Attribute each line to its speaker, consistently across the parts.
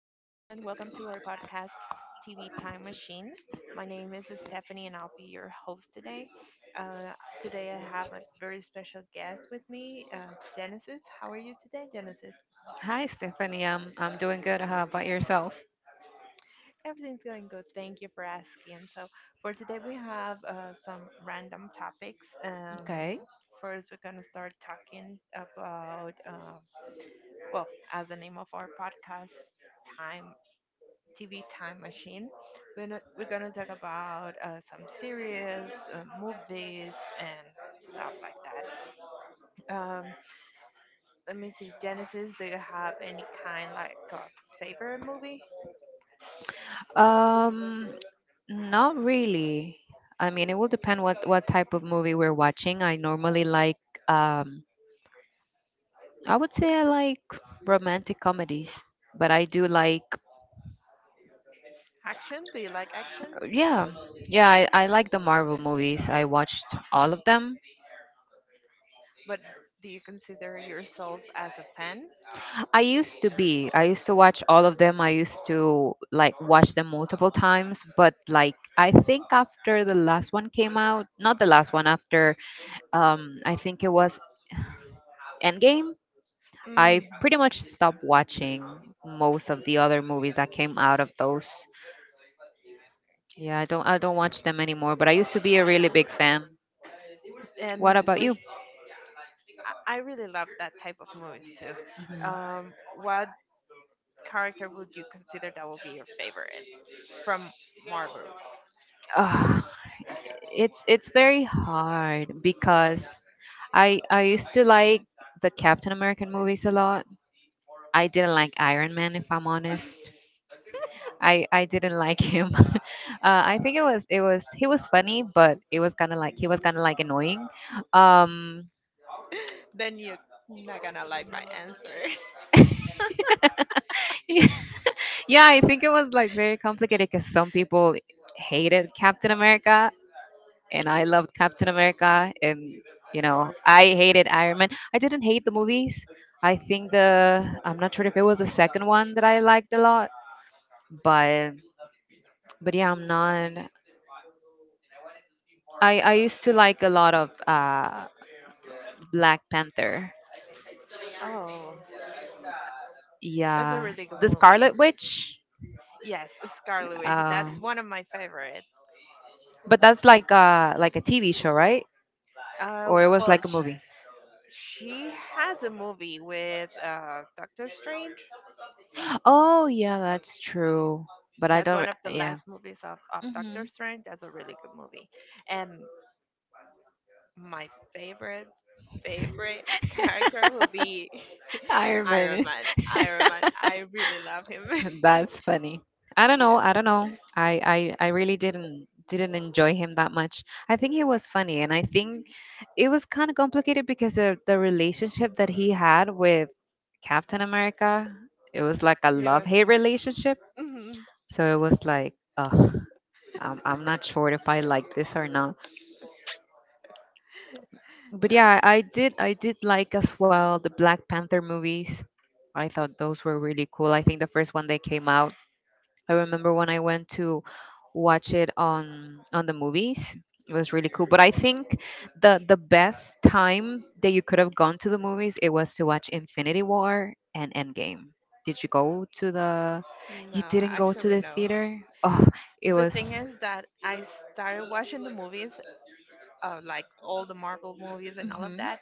Speaker 1: Welcome to our podcast, TV Time Machine. My name is Stephanie, and I'll be your host today. Uh, today, I have a very special guest with me, Genesis. How are you today, Genesis?
Speaker 2: Hi, Stephanie. I'm doing good. How about yourself?
Speaker 1: Everything's going good. Thank you for asking. So, for today, we have some random topics. Um,
Speaker 2: Okay.
Speaker 1: first, we're going to start talking about, well, as the name of our podcast, time TV time machine. We're not, we're gonna talk about some series, movies, and stuff like that. Um, let me see, Genesis. Do you have any kind like of favorite movie?
Speaker 2: Um, Not really. I mean, it will depend what type of movie we're watching. I normally like um I would say I like romantic comedies, but I do like
Speaker 1: Action? Do you like action?
Speaker 2: yeah. Yeah, I like the Marvel movies. I watched all of them.
Speaker 1: But do you consider yourself as a fan?
Speaker 2: I used to be. I used to watch all of them. I used to like watch them multiple times, but like I think after the last one came out, not the last one after I think it was Endgame.
Speaker 1: Mm.
Speaker 2: I pretty much stopped watching most of the other movies that came out of those. Yeah, I don't watch them anymore, but I used to be a really big fan. What
Speaker 1: And
Speaker 2: about you?
Speaker 1: which I really love that type of movies too.
Speaker 2: hmm
Speaker 1: What character would you consider that would be your favorite from Marvel?
Speaker 2: Ugh, it's very hard because I used to like the Captain American movies a lot. I didn't like Iron Man, if I'm honest. I didn't like him. I think it was, he was funny, but it was kind of like, he was kind of like annoying. Um,
Speaker 1: Then you're not gonna like my answer.
Speaker 2: yeah, I think it was like very complicated because some people hated Captain America, and I loved Captain America, and you know, I hated Iron Man. I didn't hate the movies. I think the, I'm not sure if it was the second one that I liked a lot, but but yeah, I'm not. I used to like a lot of Black Panther.
Speaker 1: Oh, that's a
Speaker 2: Yeah,
Speaker 1: really good
Speaker 2: the
Speaker 1: movie.
Speaker 2: Scarlet Witch.
Speaker 1: Yes, Scarlet Witch. That's
Speaker 2: Um,
Speaker 1: one of my favorites.
Speaker 2: but that's like a TV show, right?
Speaker 1: Uh,
Speaker 2: Or it was
Speaker 1: well,
Speaker 2: like a
Speaker 1: she,
Speaker 2: movie.
Speaker 1: she has a movie with Doctor Strange.
Speaker 2: Oh yeah, that's true. But I
Speaker 1: That's
Speaker 2: don't.
Speaker 1: one
Speaker 2: Re-
Speaker 1: of the
Speaker 2: Yeah.
Speaker 1: last movies of
Speaker 2: hmm
Speaker 1: Doctor Strange. That's a really good movie. And my favorite, favorite character will be
Speaker 2: Iron
Speaker 1: Iron
Speaker 2: Man.
Speaker 1: Man. Iron Man. I really love him.
Speaker 2: That's funny. I don't know.
Speaker 1: yeah,
Speaker 2: I don't know. I really didn't enjoy him that much. I think he was funny, and I think it was kind of complicated because of the relationship that he had with Captain America. It was like a
Speaker 1: he was.
Speaker 2: love hate relationship. So it was like, ugh, I'm not sure if I like this or not. But
Speaker 1: no,
Speaker 2: yeah, I did like as well the Black Panther movies. I thought those were really cool. I think the first one they came out, I remember when I went to watch it on the movies. It was really cool. But I think the best time that you could have gone to the movies, it was to watch Infinity War and Endgame. Did you go to the, you
Speaker 1: no,
Speaker 2: didn't go to
Speaker 1: actually,
Speaker 2: the
Speaker 1: no.
Speaker 2: theater? Oh, it
Speaker 1: The
Speaker 2: was,
Speaker 1: thing is that I started watching the movies, like all the Marvel movies and all of
Speaker 2: mhm.
Speaker 1: that,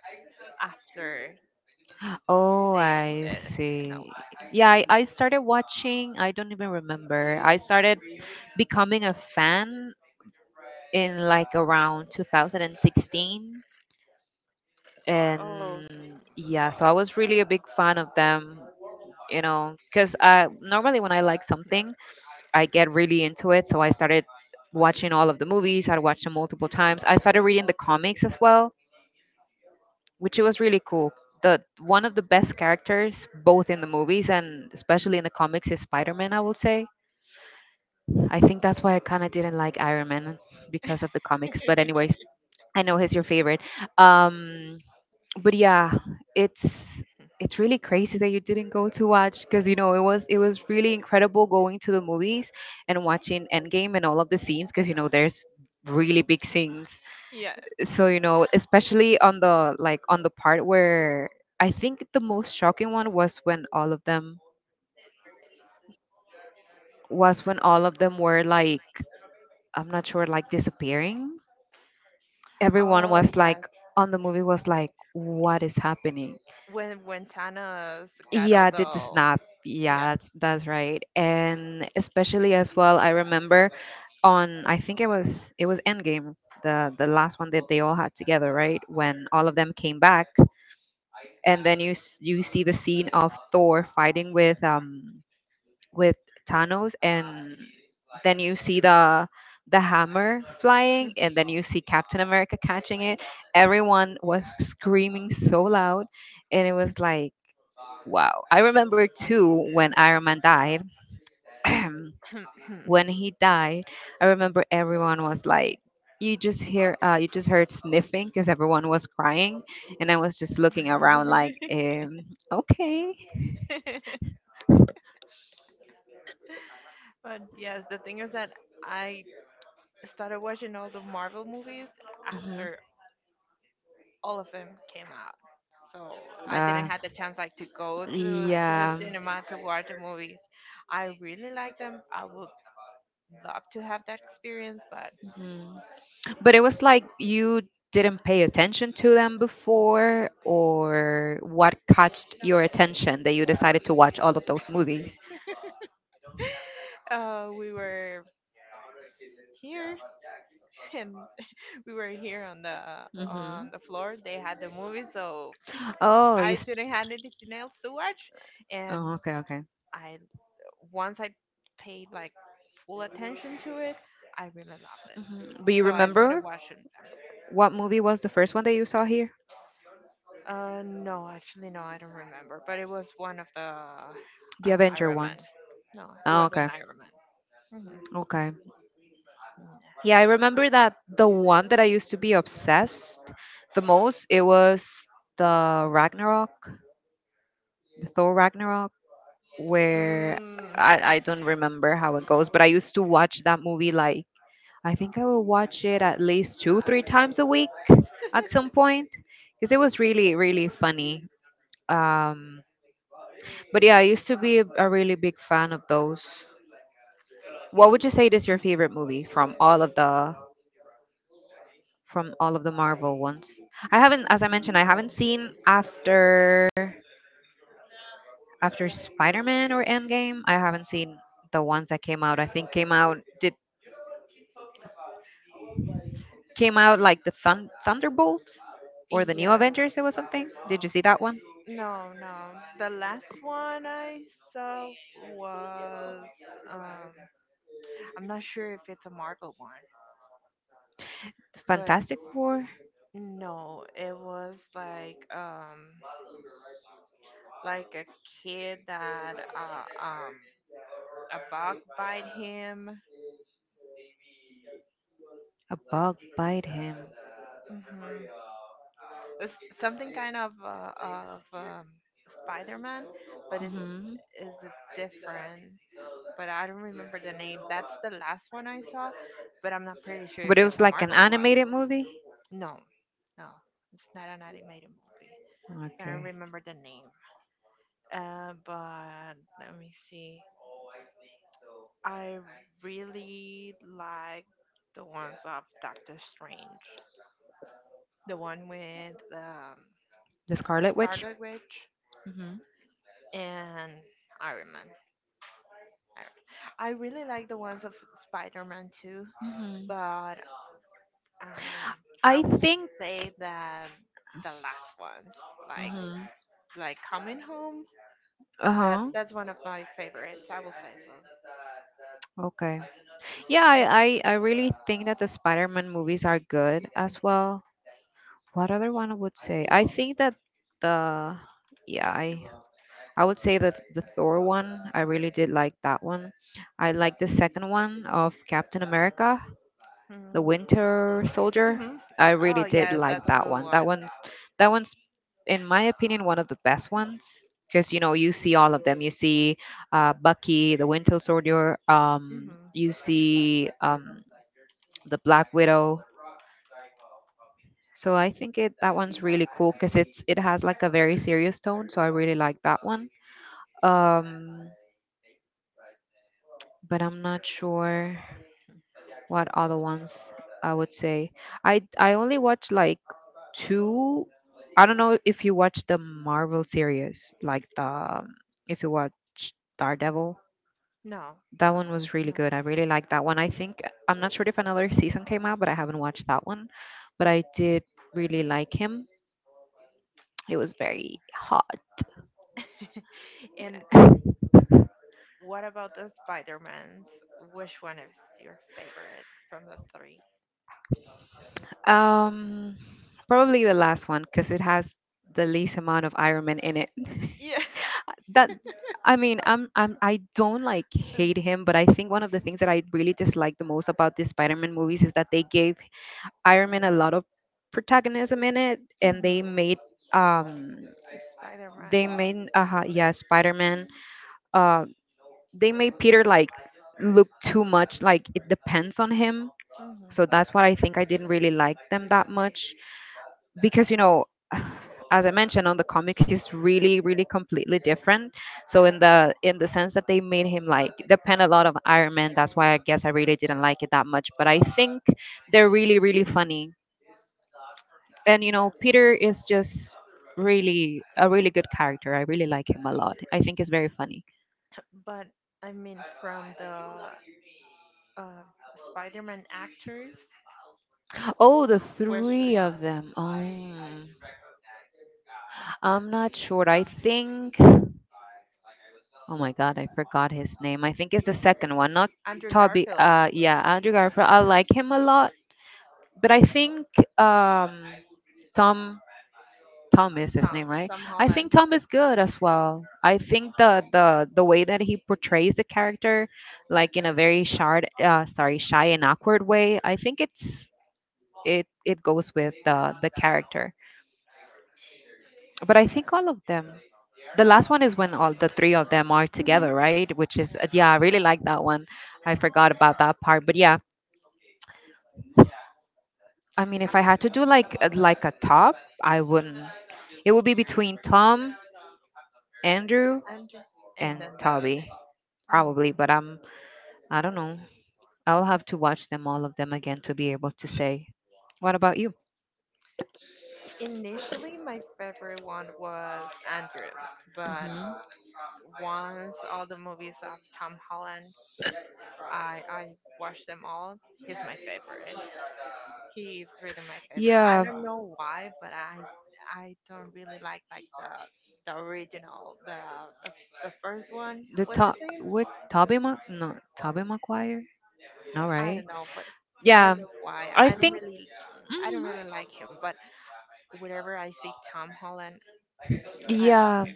Speaker 1: after
Speaker 2: Oh,
Speaker 1: they
Speaker 2: I
Speaker 1: ended and all
Speaker 2: see.
Speaker 1: that. So,
Speaker 2: Yeah, I
Speaker 1: yeah.
Speaker 2: started watching, I don't even remember. I started becoming a fan in like around 2016,
Speaker 1: Oh, so
Speaker 2: and yeah, so I was really a big fan of them, you know, because I normally when I like something, I get really into it. So I started watching all of the movies, I watched them multiple times, I started reading the comics as well, which it was really cool. The, one of the best characters both in the movies and especially in the comics is Spider-Man, I will say. I think that's why I kind of didn't like Iron Man because of the comics, but anyways, I know he's your favorite. um but yeah, it's it's really crazy that you didn't go to watch, because you know, it was really incredible going to the movies and watching Endgame and all of the scenes, because
Speaker 1: you
Speaker 2: you know,
Speaker 1: know,
Speaker 2: there's really big scenes.
Speaker 1: yes.
Speaker 2: So you know, especially on the, like on the part where, I think the most shocking one was when all of them, were like, I'm not sure, like disappearing. Everyone
Speaker 1: Oh,
Speaker 2: was
Speaker 1: yes.
Speaker 2: like on the movie was like, what is happening?
Speaker 1: When Thanos got
Speaker 2: Yeah, did the
Speaker 1: all
Speaker 2: snap.
Speaker 1: the, yeah.
Speaker 2: Yeah, that's right. And especially as well, I remember on, I think it was Endgame, the last one that they all had together, right? When all of them came back, and then you s- you see the scene of Thor fighting with Thanos, and then you see the hammer flying, and then you see Captain America catching it. Everyone was screaming so loud, and it was like, wow. I remember too when Iron Man died. When he died, I remember everyone was like, you just hear, you just heard sniffing because everyone was crying, and I was just looking around like, okay.
Speaker 1: But yes, the thing is that I started watching all the Marvel movies
Speaker 2: hmm
Speaker 1: after all of them came out. So I didn't
Speaker 2: Uh,
Speaker 1: have the chance like to go to the
Speaker 2: yeah.
Speaker 1: cinema to watch the movies. I really like them. I would love to have that experience, but
Speaker 2: Mhm. But it was like you didn't pay attention to them before, or what caught your attention that you decided to watch all of those movies?
Speaker 1: we were here and we were here on
Speaker 2: Hmm
Speaker 1: the floor. They had the movie, so
Speaker 2: Oh, you.
Speaker 1: I
Speaker 2: S-
Speaker 1: didn't have anything else to watch. And
Speaker 2: Oh, okay, okay.
Speaker 1: I once I paid like full attention to it, I really loved it.
Speaker 2: hmm But you
Speaker 1: So I started
Speaker 2: remember
Speaker 1: watching them.
Speaker 2: what movie was the first one that you saw here?
Speaker 1: No, actually, no, I don't remember. But it was one of the,
Speaker 2: The Avenger
Speaker 1: Iron
Speaker 2: ones.
Speaker 1: Man. No, it
Speaker 2: Oh,
Speaker 1: was an
Speaker 2: okay.
Speaker 1: Iron Man. Hmm.
Speaker 2: Okay. Yeah, I remember that the one that I used to be obsessed the most, it was the Ragnarok, the Thor Ragnarok, where
Speaker 1: Mm,
Speaker 2: I don't remember how it goes, but I used to watch that movie like, I think I would watch it at least two, three times a week at some point, because it was really, really funny. Um, but yeah, I used to be a really big fan of those. What would you say is your favorite movie from all of the, from all of the Marvel ones? I haven't, as I mentioned, I haven't
Speaker 1: mm,
Speaker 2: seen after after Spider-Man or Endgame. I haven't seen the ones that came out. I think came out, did came out like the Thun- Thunderbolts or the New
Speaker 1: yeah.
Speaker 2: Avengers. It was something. Did you see that one?
Speaker 1: No, no. The last one I saw was, um I'm not sure if it's a Marvel one,
Speaker 2: The
Speaker 1: but
Speaker 2: Fantastic Four.
Speaker 1: no, it was like a kid that a bug bite him.
Speaker 2: A bug bite him.
Speaker 1: Mhm. It's something kind of Spider-Man, but it's is a different. But I don't remember the name. That's the last one I saw, but I'm not pretty sure
Speaker 2: But
Speaker 1: if
Speaker 2: it was
Speaker 1: it's a
Speaker 2: like an
Speaker 1: Marvel one.
Speaker 2: animated movie?
Speaker 1: No, no, it's not an animated movie. I don't
Speaker 2: Okay.
Speaker 1: remember the name. But let me see. I really like the ones of Doctor Strange, the one with,
Speaker 2: The Scarlet Witch?
Speaker 1: Scarlet Witch
Speaker 2: Mm-hmm.
Speaker 1: and Iron Man. I I really like the ones of Spider-Man too, but, um, I
Speaker 2: I
Speaker 1: will
Speaker 2: think.
Speaker 1: say that the last ones, like
Speaker 2: Hmm
Speaker 1: like Coming Home,
Speaker 2: Uh
Speaker 1: that
Speaker 2: huh.
Speaker 1: that's one of my favorites. I will say so.
Speaker 2: Okay. Yeah,
Speaker 1: And,
Speaker 2: I really think that the Spider Man movies are good as well. What other one I would say? I think that the. Yeah, I. I would say that the Thor one, I really did like that one. I like the second one of Captain America. The
Speaker 1: mm,
Speaker 2: Winter Soldier.
Speaker 1: hmm
Speaker 2: I
Speaker 1: oh
Speaker 2: really did
Speaker 1: yes,
Speaker 2: like
Speaker 1: that's a
Speaker 2: that
Speaker 1: good
Speaker 2: one. That
Speaker 1: one.
Speaker 2: one, that one's, in my opinion, one of the best ones because you know, you see all of them. You see Bucky, the Winter Soldier.
Speaker 1: hmm
Speaker 2: You see the Black Widow. So I think it, that one's really cool because it's, it has like a very serious tone. So I really like that one. Um, but I'm not sure. What other ones I would say? I only watch like two. I don't know if you watch the Marvel series, like the if you watch Daredevil.
Speaker 1: No,
Speaker 2: That
Speaker 1: no,
Speaker 2: one was really
Speaker 1: no.
Speaker 2: good. I really like that one. I think I'm not sure if another season came out, but I haven't watched that one. But I did really like him. It was very hot.
Speaker 1: And what about the Spider-Mans? Which one is your favorite from the three?
Speaker 2: Um, probably the last one because it has the least amount of Iron Man in it.
Speaker 1: Yes.
Speaker 2: That, I mean, I don't like hate him, but I think one of the things that I really dislike the most about the Spider-Man movies is that they gave Iron Man a lot of protagonism in it, and
Speaker 1: Mm-hmm.
Speaker 2: um they
Speaker 1: Spider-Man.
Speaker 2: made yeah Spider-Man, uh they made Peter like look too much like it depends on him.
Speaker 1: Mhm.
Speaker 2: So that's what I think I didn't really like them that much, because you know, as I mentioned, on the comics, he's really, really completely different. So in the sense that they made him like depend a lot of Iron Man, that's why I guess I really didn't like it that much. But I think they're really, really funny, and you know, Peter is just really a really good character. I really like him a lot, I think he's very funny.
Speaker 1: But I mean, from the, uh, Spider-Man actors,
Speaker 2: Oh, the
Speaker 1: which,
Speaker 2: three of them. Oh, I'm not sure. I think, oh my God, I forgot his name. I think it's the second one, not
Speaker 1: Andrew
Speaker 2: Toby.
Speaker 1: Garfield.
Speaker 2: Yeah, Andrew
Speaker 1: Andrew
Speaker 2: Garfield. I
Speaker 1: Garfield.
Speaker 2: like him a lot, but I think, um, Tom, Tom is his
Speaker 1: Tom,
Speaker 2: name, right?
Speaker 1: Tom
Speaker 2: I think
Speaker 1: Holland.
Speaker 2: Tom is good as well. I think the the way that he portrays the character, like in a very shy, sorry, shy and awkward way. I think it's, it goes with the character. But I think all of them, the last one is when all the three of them are
Speaker 1: hmm
Speaker 2: together, right? Which is
Speaker 1: yeah,
Speaker 2: yeah, I really like that one. I forgot about that part, but yeah, I mean, if I had to do like a top, I wouldn't. It would be between Tom, Andrew,
Speaker 1: Andrew, and
Speaker 2: and
Speaker 1: then the.
Speaker 2: Toby
Speaker 1: Mhm.
Speaker 2: probably, but I am, I don't know. I'll have to watch them all of them again to be able to say. What about you?
Speaker 1: Initially, my favorite one was Andrew, but
Speaker 2: Hmm
Speaker 1: once all the movies of Tom Holland, I watched them all. He's my favorite. He's really my favorite. I
Speaker 2: Yeah,
Speaker 1: don't know why, but I don't really like the original, the, the first one.
Speaker 2: the
Speaker 1: What's his
Speaker 2: top.
Speaker 1: name?
Speaker 2: What, Toby? Ma- no, Toby Maguire. No,
Speaker 1: I
Speaker 2: right?
Speaker 1: don't know, but I don't
Speaker 2: Yeah,
Speaker 1: know why.
Speaker 2: I
Speaker 1: I don't
Speaker 2: think.
Speaker 1: really I don't
Speaker 2: Mhm.
Speaker 1: really like him, but whenever I see Tom Holland, I love.
Speaker 2: Yeah,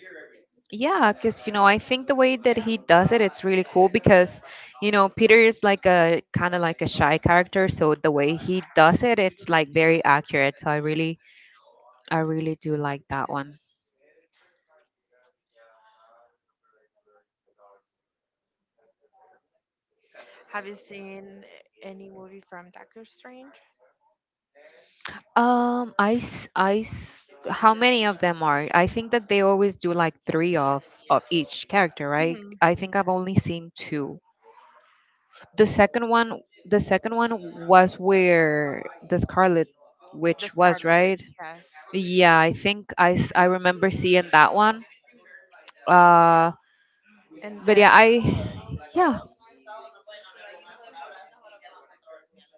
Speaker 2: yeah, because you know, I think the way that he does it, it's really cool because Peter is like a kind of like a shy character, so the way he does it, it's like very accurate. So I really do like that one.
Speaker 1: Have you seen any movie from Doctor Strange?
Speaker 2: Um, I, s- I, s- how many of them are? I think that they always do like three of each character, right?
Speaker 1: Mhm.
Speaker 2: I think I've only seen two. The second one, the second one was where the Scarlet
Speaker 1: The
Speaker 2: Witch was,
Speaker 1: Scarlet Witch,
Speaker 2: right?
Speaker 1: yes.
Speaker 2: Yeah, I think I remember seeing that one. Uh,
Speaker 1: And
Speaker 2: but yeah,
Speaker 1: then,
Speaker 2: I yeah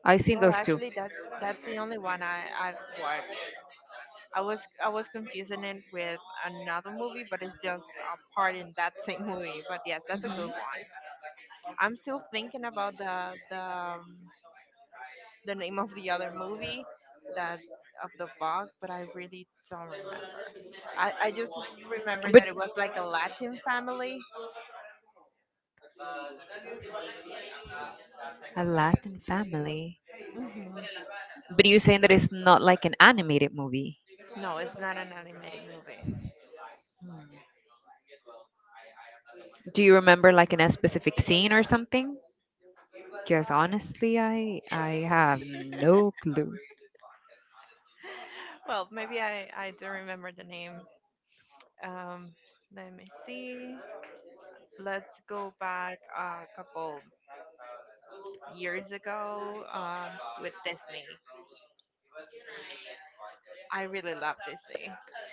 Speaker 2: I seen
Speaker 1: well,
Speaker 2: those two.
Speaker 1: actually, that's the only one I've watched. I was confusing it with another movie, but it's just a part in that same movie. But yes, that's a
Speaker 2: Mhm.
Speaker 1: good one. I'm still thinking about the name of the other movie, that of the bug, but I really don't remember. I just remember
Speaker 2: But
Speaker 1: that it was like a Latin family.
Speaker 2: a Latin family.
Speaker 1: hmm
Speaker 2: But you're saying that it's not like an animated movie.
Speaker 1: No, it's not an animated movie.
Speaker 2: Hmm. Do you remember like in a specific scene or something? Because honestly, I have no clue.
Speaker 1: Well, maybe I do remember the name. Um, let me see. Let's go back a couple years ago, with Disney. I really love Disney.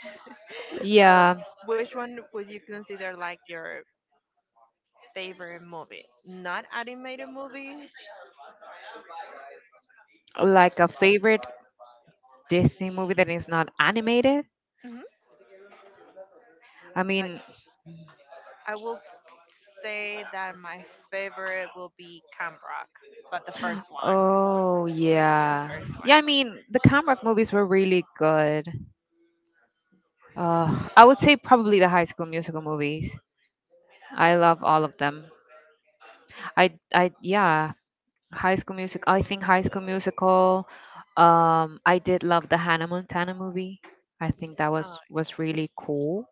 Speaker 1: Uh,
Speaker 2: Yeah,
Speaker 1: which one would you consider like your favorite movie? Not animated movie.
Speaker 2: like a favorite Disney movie that is not animated.
Speaker 1: hmm
Speaker 2: I
Speaker 1: Like,
Speaker 2: mean,
Speaker 1: I will say that my favorite will be Camp Rock, but the first one,
Speaker 2: oh
Speaker 1: the
Speaker 2: yeah, yeah. I
Speaker 1: first
Speaker 2: mean, the Camrock movies were really good. I would say probably the High School Musical movies. I love all of them. I yeah. High School Music. I think High School Musical. I did love the Hannah Montana movie. I think that was
Speaker 1: one.
Speaker 2: was really cool.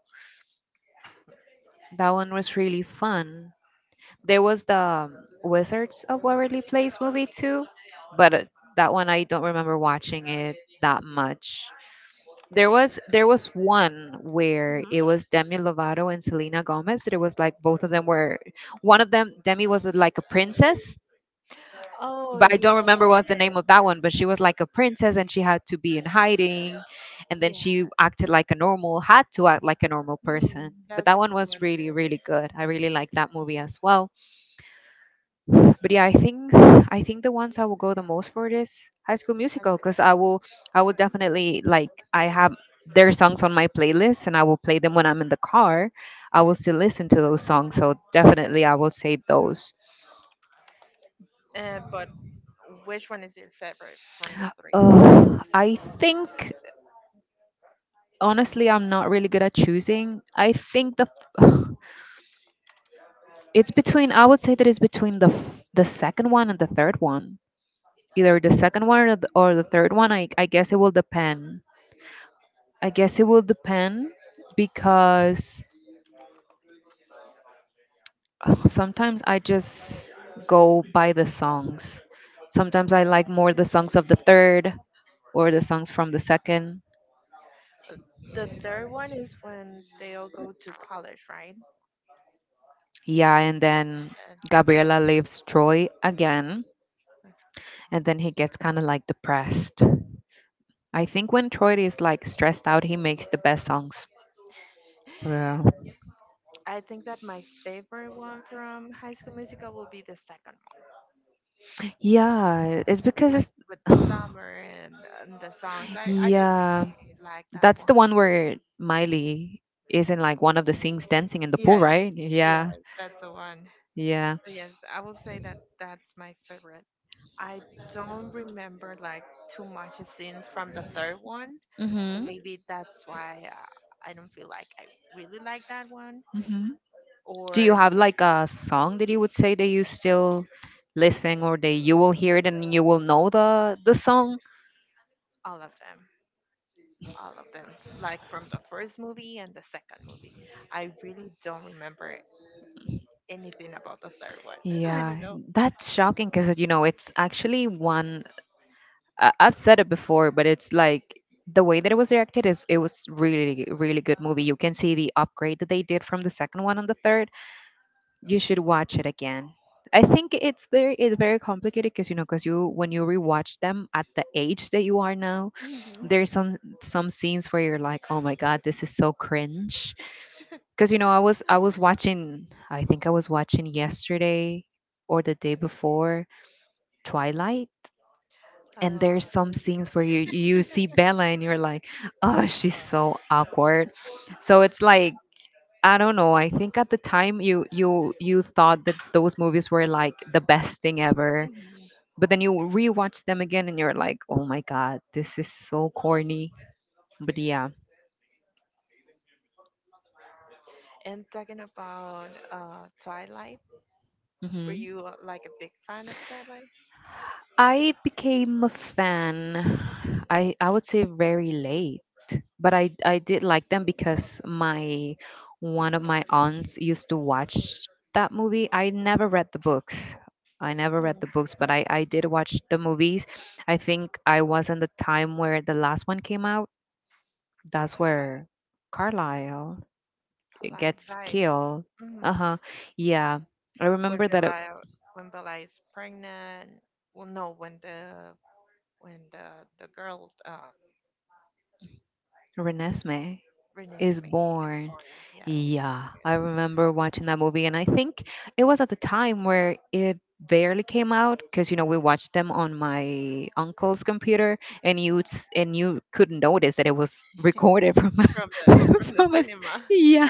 Speaker 2: That one was really fun. There was the um, Wizards of Waverly Place movie too, but that one I don't remember watching it that much. There was one where it was Demi Lovato and Selena Gomez. It was like both of them were one of them Demi was like a princess
Speaker 1: Oh yeah.
Speaker 2: but I don't
Speaker 1: Oh
Speaker 2: remember what's the name of that one. But she was like a princess, and she had to be in hiding, and
Speaker 1: yeah.
Speaker 2: then
Speaker 1: Yeah.
Speaker 2: she acted like a normal, had to act like a normal
Speaker 1: Mhm.
Speaker 2: person. But
Speaker 1: That's a
Speaker 2: that one
Speaker 1: good
Speaker 2: was
Speaker 1: one too.
Speaker 2: really, really good. I really like that movie as well. But yeah, I think the ones I will go the most for is High School
Speaker 1: High
Speaker 2: Musical,
Speaker 1: School
Speaker 2: because I will
Speaker 1: Musical.
Speaker 2: definitely like I have their songs on my playlist, and I will play them when I'm in the car. I will still listen to those songs, so definitely I will say those.
Speaker 1: But which one is your favorite from the three?
Speaker 2: I think honestly, I'm not really good at choosing. I think the it's between, I would say that it's between the second one and the third one, either the second one or the third one. I guess it will depend I guess it will depend because sometimes I just go by the songs. Sometimes I like more the songs of the third or the songs from the second.
Speaker 1: Uh, The third one is when they'll go to college, right?
Speaker 2: Yeah, and then
Speaker 1: And
Speaker 2: Gabriela leaves Troy again, and then he gets kind of like depressed. I think when Troy is like stressed out, he makes the best songs. Yeah.
Speaker 1: I think that my favorite one from High School Musical will be the second one,
Speaker 2: Yeah, it's because
Speaker 1: like
Speaker 2: it's
Speaker 1: with the summer, and the songs. I just
Speaker 2: yeah,
Speaker 1: like that
Speaker 2: that's
Speaker 1: one.
Speaker 2: the one where Miley is in like one of the scenes dancing in the pool,
Speaker 1: Yes,
Speaker 2: right?
Speaker 1: yes,
Speaker 2: Yeah.
Speaker 1: that's the one.
Speaker 2: Yeah.
Speaker 1: But yes, I will say that that's my favorite. I don't remember like too much scenes from the third one, so
Speaker 2: Mhm.
Speaker 1: maybe that's why, I don't feel like I really like that one.
Speaker 2: Mhm. Do you
Speaker 1: Or
Speaker 2: have like a song that you would say that you still listen or that you will hear it and you will know the song?
Speaker 1: all of them all of them, like from the first movie and the second movie, I really don't remember anything about the third one. I don't
Speaker 2: Yeah,
Speaker 1: know.
Speaker 2: that's shocking because you know it's actually one I've said it before, but it's like the way that it was directed is it was really, really good movie. You can see the upgrade that they did from the second one on the third. You should watch it again. I think it's very complicated because you know because you when you rewatch them at the age that you are now,
Speaker 1: hmm
Speaker 2: there's some scenes where you're like, oh my god, this is so cringe. Because you know I was watching, I think I was watching yesterday or the day before Twilight, and
Speaker 1: uh,
Speaker 2: there's some scenes where you see Bella and you're like, oh, she's so awkward. So it's like I don't know. I think at the time you thought that those movies were like the best thing ever,
Speaker 1: mhm.
Speaker 2: but then you rewatch them again and you're like, oh my god, this is so corny. But yeah.
Speaker 1: And talking about Twilight, were
Speaker 2: Hmm.
Speaker 1: you, like a big fan of Twilight?
Speaker 2: I became a fan. I would say very late, but I did like them because my one of my aunts used to watch that movie. I never read the books. I never read the
Speaker 1: Mm,
Speaker 2: books, but I did watch the movies. I think I was in the time where the last one came out. That's where Carlisle
Speaker 1: like Twilight
Speaker 2: gets
Speaker 1: Light.
Speaker 2: killed.
Speaker 1: Hmm.
Speaker 2: Uh-huh. Yeah. I
Speaker 1: when
Speaker 2: remember that it,
Speaker 1: bella when bella is pregnant, well no, when the girl,
Speaker 2: Renesmee. Is
Speaker 1: Renesmee,
Speaker 2: born.
Speaker 1: yes,
Speaker 2: Yeah, I remember watching that movie, and I think it was at the time where it barely came out because you know we watched them on my uncle's computer, and you couldn't notice that it was recorded from
Speaker 1: from the
Speaker 2: a-
Speaker 1: from the
Speaker 2: from a
Speaker 1: cinema.
Speaker 2: yeah.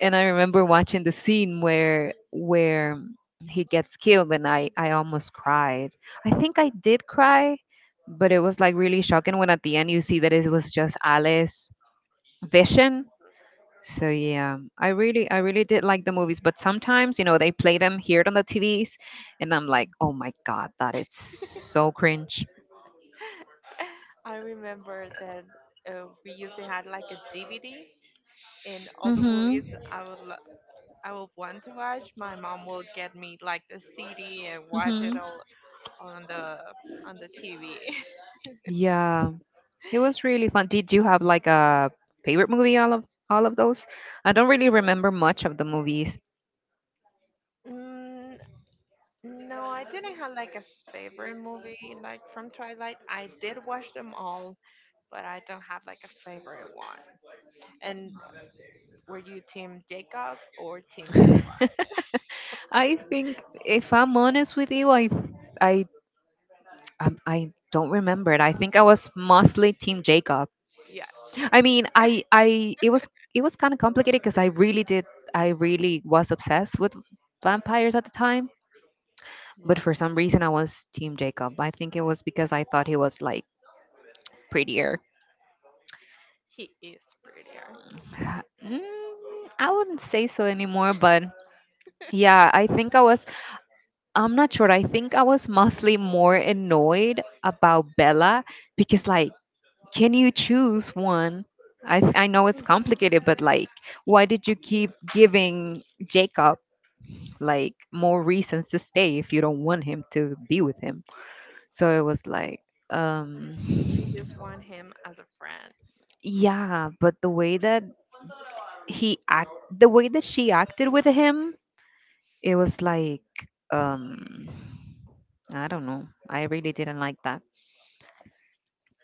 Speaker 2: And I remember watching the scene where he gets killed, and I almost cried. I think I did cry, but it was like really shocking when at the end you see that it was just Alice's vision. So yeah, I really did like the movies, but sometimes you know they play them here on the TVs, and I'm like, oh my god, that is so cringe.
Speaker 1: I remember that, we used to have like a DVD, and all the
Speaker 2: Mhm.
Speaker 1: movies I would want to watch. My mom will get me like the CD and watch it
Speaker 2: Mhm.
Speaker 1: all on the on the TV.
Speaker 2: Yeah, it was really fun. Did you have like a favorite movie? All of those? I don't really remember much of the movies.
Speaker 1: Mm, no, I didn't have like a favorite movie like from Twilight. I did watch them all, but I don't have like a favorite one. And were you Team Jacob or Team Edward?
Speaker 2: I think if I'm honest with you, I I don't remember it. I think I was mostly Team Jacob.
Speaker 1: Yeah,
Speaker 2: I mean, I it was kind of complicated because I really did, I really was obsessed with vampires at the time, but
Speaker 1: well,
Speaker 2: for some reason I was Team Jacob. I think it was because I thought he was like prettier.
Speaker 1: he is prettier.
Speaker 2: Mm, I wouldn't say so anymore, but yeah, I'm not sure. I think I was mostly more annoyed about Bella because like can you choose one? I know it's complicated, but like why did you keep giving Jacob like more reasons to stay if you don't want him to be with him. So it was like, um,
Speaker 1: She just want him as a friend.
Speaker 2: yeah, but the way that she acted with him, it was like, um, I don't know. I really didn't like that.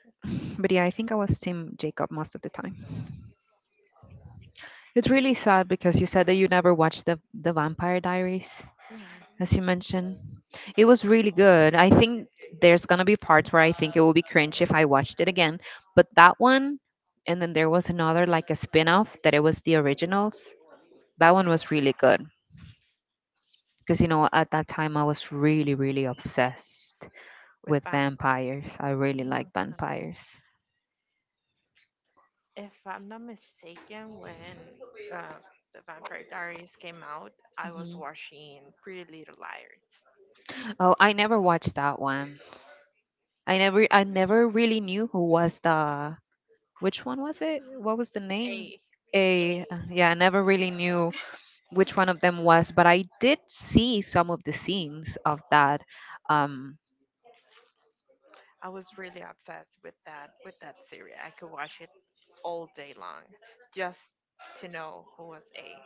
Speaker 2: But yeah, I think I was Team Jacob most of the time. It's really sad because you said that you never watched the Vampire Diaries.
Speaker 1: No.
Speaker 2: As you mentioned. It was really good. I think there's gonna be parts where I think it will be cringe if I watched it again. But that one, and then there was another like a spin-off that it was the originals. That one was really good because you know at that time I was really really obsessed
Speaker 1: With
Speaker 2: with
Speaker 1: vampire.
Speaker 2: vampires. I really like
Speaker 1: um,
Speaker 2: vampires.
Speaker 1: If I'm not mistaken, when, uh, the Vampire Diaries came out, I was
Speaker 2: Mhm.
Speaker 1: watching Pretty Little Liars.
Speaker 2: Oh, I never watched that one. I never really knew who was the which one was it? What was the
Speaker 1: A.
Speaker 2: name?
Speaker 1: A.
Speaker 2: A yeah, I never really knew which one of them was, but I did see some of the scenes of that. Um,
Speaker 1: I was really obsessed with that series. I could watch it all day long just to know who was A.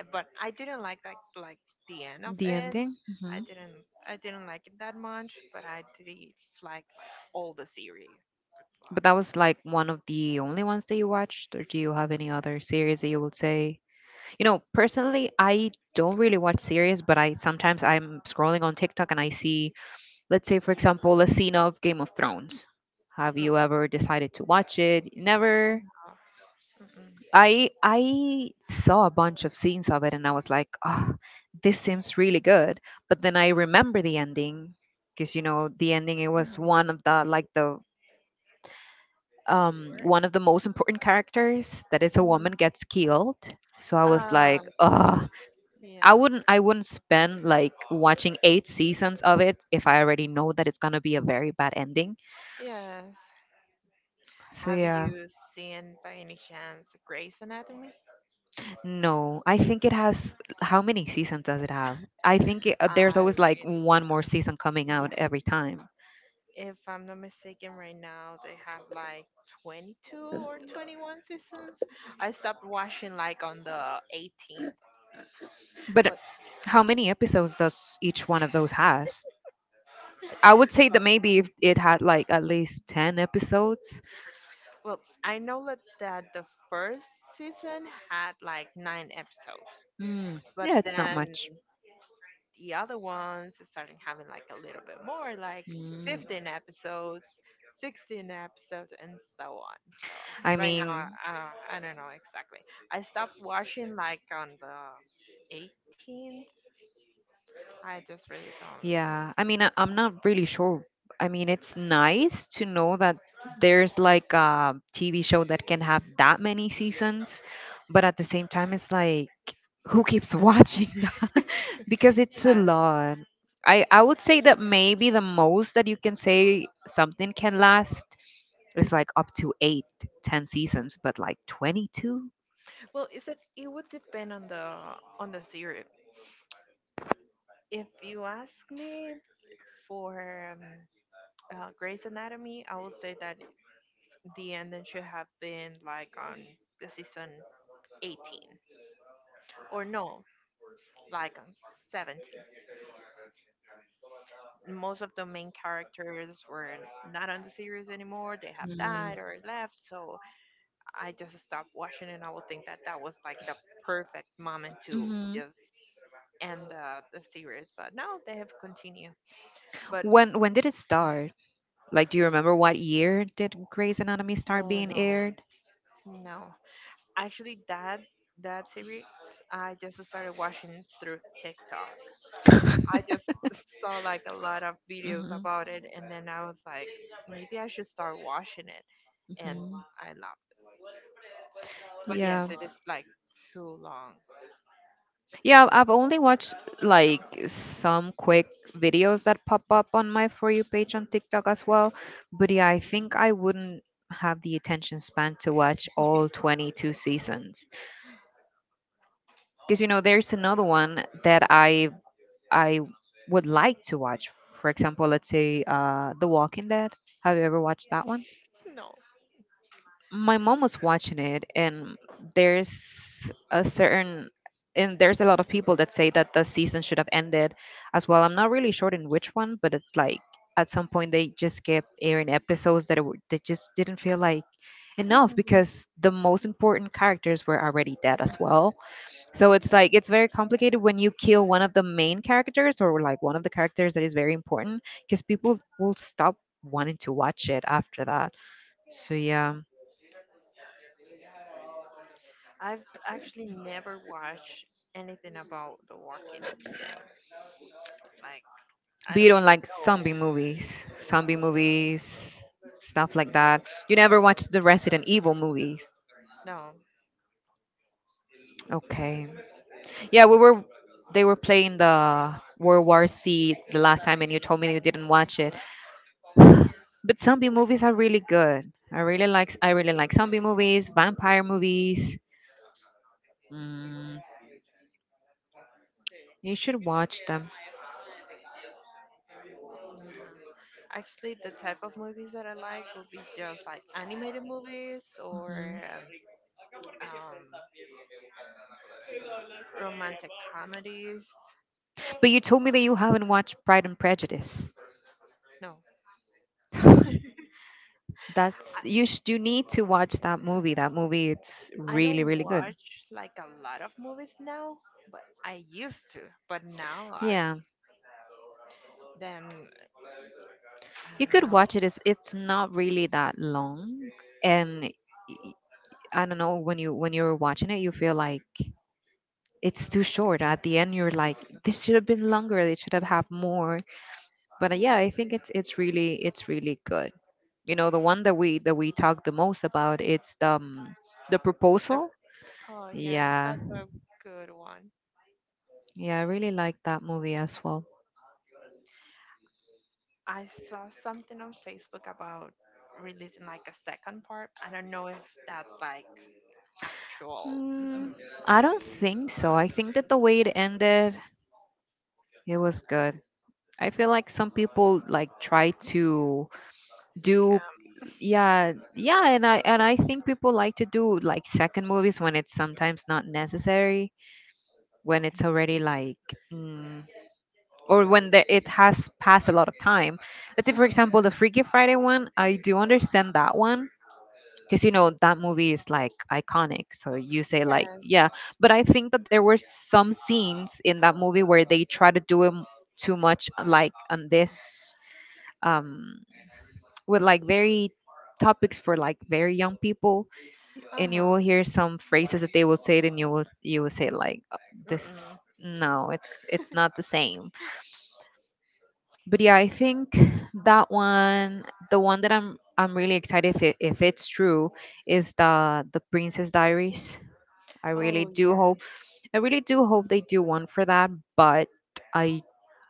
Speaker 1: But I didn't like that, like, the end of
Speaker 2: the
Speaker 1: it.
Speaker 2: ending. Hmm.
Speaker 1: I didn't I didn't like it that much, but I did like all the series.
Speaker 2: But that was like one of the only ones that you watched, or do you have any other series that you would say? You know, personally, I don't really watch series, but I sometimes I'm scrolling on TikTok and I see, let's say, for example, a scene of Game of Thrones. Have
Speaker 1: Not
Speaker 2: you ever decided to watch it? Never.
Speaker 1: all. Mm-mm.
Speaker 2: I I saw a bunch of scenes of it and I was like, oh, this seems really good. But then I remember the ending because you know the ending it was
Speaker 1: Mhm.
Speaker 2: one of the like the
Speaker 1: Very?
Speaker 2: one of the most important characters that is a woman
Speaker 1: Mhm.
Speaker 2: gets killed. So I was
Speaker 1: Uh,
Speaker 2: like, oh,
Speaker 1: yeah.
Speaker 2: I wouldn't spend like watching 8 seasons of it if I already know that it's gonna be a very bad ending.
Speaker 1: Yes.
Speaker 2: So
Speaker 1: Have
Speaker 2: yeah.
Speaker 1: you seen by any chance Grey's Anatomy?
Speaker 2: No, I think it has. How many seasons does it have? I think it, there's
Speaker 1: I
Speaker 2: always like
Speaker 1: really,
Speaker 2: one more season coming out
Speaker 1: yes.
Speaker 2: every time.
Speaker 1: If I'm not mistaken, right now they have like 22 or 21 seasons. I stopped watching like on the 18th,
Speaker 2: But
Speaker 1: but
Speaker 2: how many episodes does each one of those has? I would say that
Speaker 1: well,
Speaker 2: maybe if it had like at least 10 episodes.
Speaker 1: well, I know that the first season had like nine episodes,
Speaker 2: Mm,
Speaker 1: but
Speaker 2: yeah, it's not
Speaker 1: then
Speaker 2: much.
Speaker 1: the other ones starting having like a little bit more, like
Speaker 2: Mm.
Speaker 1: 15 episodes, 16 episodes, and so on. So
Speaker 2: I
Speaker 1: right now,
Speaker 2: mean,
Speaker 1: I don't know exactly. I stopped watching like on the 18th. I just really don't.
Speaker 2: yeah, I mean, I, I'm not really sure. I mean, it's nice to know that there's like a TV show that can have that many seasons, but at the same time, it's like, who keeps watching that? Because it's a
Speaker 1: Yes.
Speaker 2: lot. I would say that maybe the most that you can say something can last is like up to eight, 10 seasons, but like 22?
Speaker 1: Well, is it? It would depend on the series. If you ask me, for, Grey's Anatomy, I will say that the ending should have been like on the season 18. Or no, like on 17. Most of the main characters were not on the series anymore. They have died or left. So I just stopped watching, and I would think that that was like the perfect moment to
Speaker 2: Mm-hmm.
Speaker 1: just end the series. But no, they have continued. But
Speaker 2: When did it start? Like, do you remember what year did Grey's Anatomy start
Speaker 1: oh
Speaker 2: being
Speaker 1: no,
Speaker 2: aired?
Speaker 1: no. Actually, that series I just started watching through TikTok. I
Speaker 2: Hmm.
Speaker 1: just saw like a lot of videos about it, and then I was like, maybe I should start watching it, and
Speaker 2: Hmm.
Speaker 1: I love. But
Speaker 2: Yeah.
Speaker 1: yes, it is like too long.
Speaker 2: Yeah, I've only watched like some quick videos that pop up on my For You page on TikTok as well. But yeah, I think I wouldn't have the attention span to watch all 22 seasons. Because, you know, there's another one that I would like to watch. For example, let's say The Walking Dead. Have you ever watched that one?
Speaker 1: No,
Speaker 2: My mom was watching it, and there's a certain there's a lot of people that say that the season should have ended as well. I'm not really sure in which one, but it's like at some point they just kept airing episodes that they just didn't feel like enough because the most important characters were already dead as well. So it's like it's very complicated when you kill one of the main characters, or like one of the characters that is very important, because people will stop wanting to watch it after that. So yeah,
Speaker 1: I've actually never watched anything about The Walking Dead. Like
Speaker 2: but
Speaker 1: I
Speaker 2: you
Speaker 1: don't
Speaker 2: don't
Speaker 1: even
Speaker 2: like zombie
Speaker 1: know.
Speaker 2: movies, zombie movies, stuff like that. You never watched the Resident Evil movies.
Speaker 1: No,
Speaker 2: Okay. Yeah, we were they were playing the World War C the last time and you told me you didn't watch it.
Speaker 1: no.
Speaker 2: But zombie movies are really good. I really like zombie movies, vampire movies. Mm, you should watch them.
Speaker 1: Actually, the type of movies that I like will be just like animated movies or,
Speaker 2: Mhm.
Speaker 1: um, um, romantic comedies.
Speaker 2: But you told me that you haven't watched Pride and Prejudice.
Speaker 1: No,
Speaker 2: You need to watch that movie. That movie, it's
Speaker 1: I
Speaker 2: really
Speaker 1: don't
Speaker 2: really good.
Speaker 1: watch like a lot of movies now, but I used to. But now I
Speaker 2: Yeah.
Speaker 1: then
Speaker 2: You
Speaker 1: I don't
Speaker 2: could
Speaker 1: know.
Speaker 2: watch it. It's not really that long and y- I don't know, when you're watching it you feel like it's too short. At the end you're like, this should have been longer. They should have had more. But
Speaker 1: Mm,
Speaker 2: yeah, I think it's really good. You know, the one that we talk the most about, it's the
Speaker 1: the-
Speaker 2: proposal.
Speaker 1: oh yeah,
Speaker 2: Yeah,
Speaker 1: that's a good one.
Speaker 2: yeah, I really like that movie as well.
Speaker 1: I saw something on Facebook about releasing like a second part. I don't know if that's like actual
Speaker 2: mm, I don't think so. I think that the way it ended, it was good. I feel like some people like try to do,
Speaker 1: scam.
Speaker 2: yeah, yeah, and I think people like to do like second movies when it's sometimes not necessary, when it's already like, mm, or when the, it has passed a lot of time. Let's say, for
Speaker 1: Mhm.
Speaker 2: example, the Freaky Friday one, I do understand that one because you know that movie is like iconic. So you say like,
Speaker 1: Yes.
Speaker 2: yeah, but I think that there were some scenes in that movie where they try to do too much, like on this, um, with like very topics for like very young people,
Speaker 1: Uh
Speaker 2: and you will
Speaker 1: huh.
Speaker 2: hear some phrases that they will say and you will say like, this,
Speaker 1: Mm-mm.
Speaker 2: no, it's not the same." But yeah, I think that one, the one that I'm really excited if if it's true, is the Princess Diaries. I really
Speaker 1: Oh
Speaker 2: do
Speaker 1: yes.
Speaker 2: hope I really do hope they do one for that, but I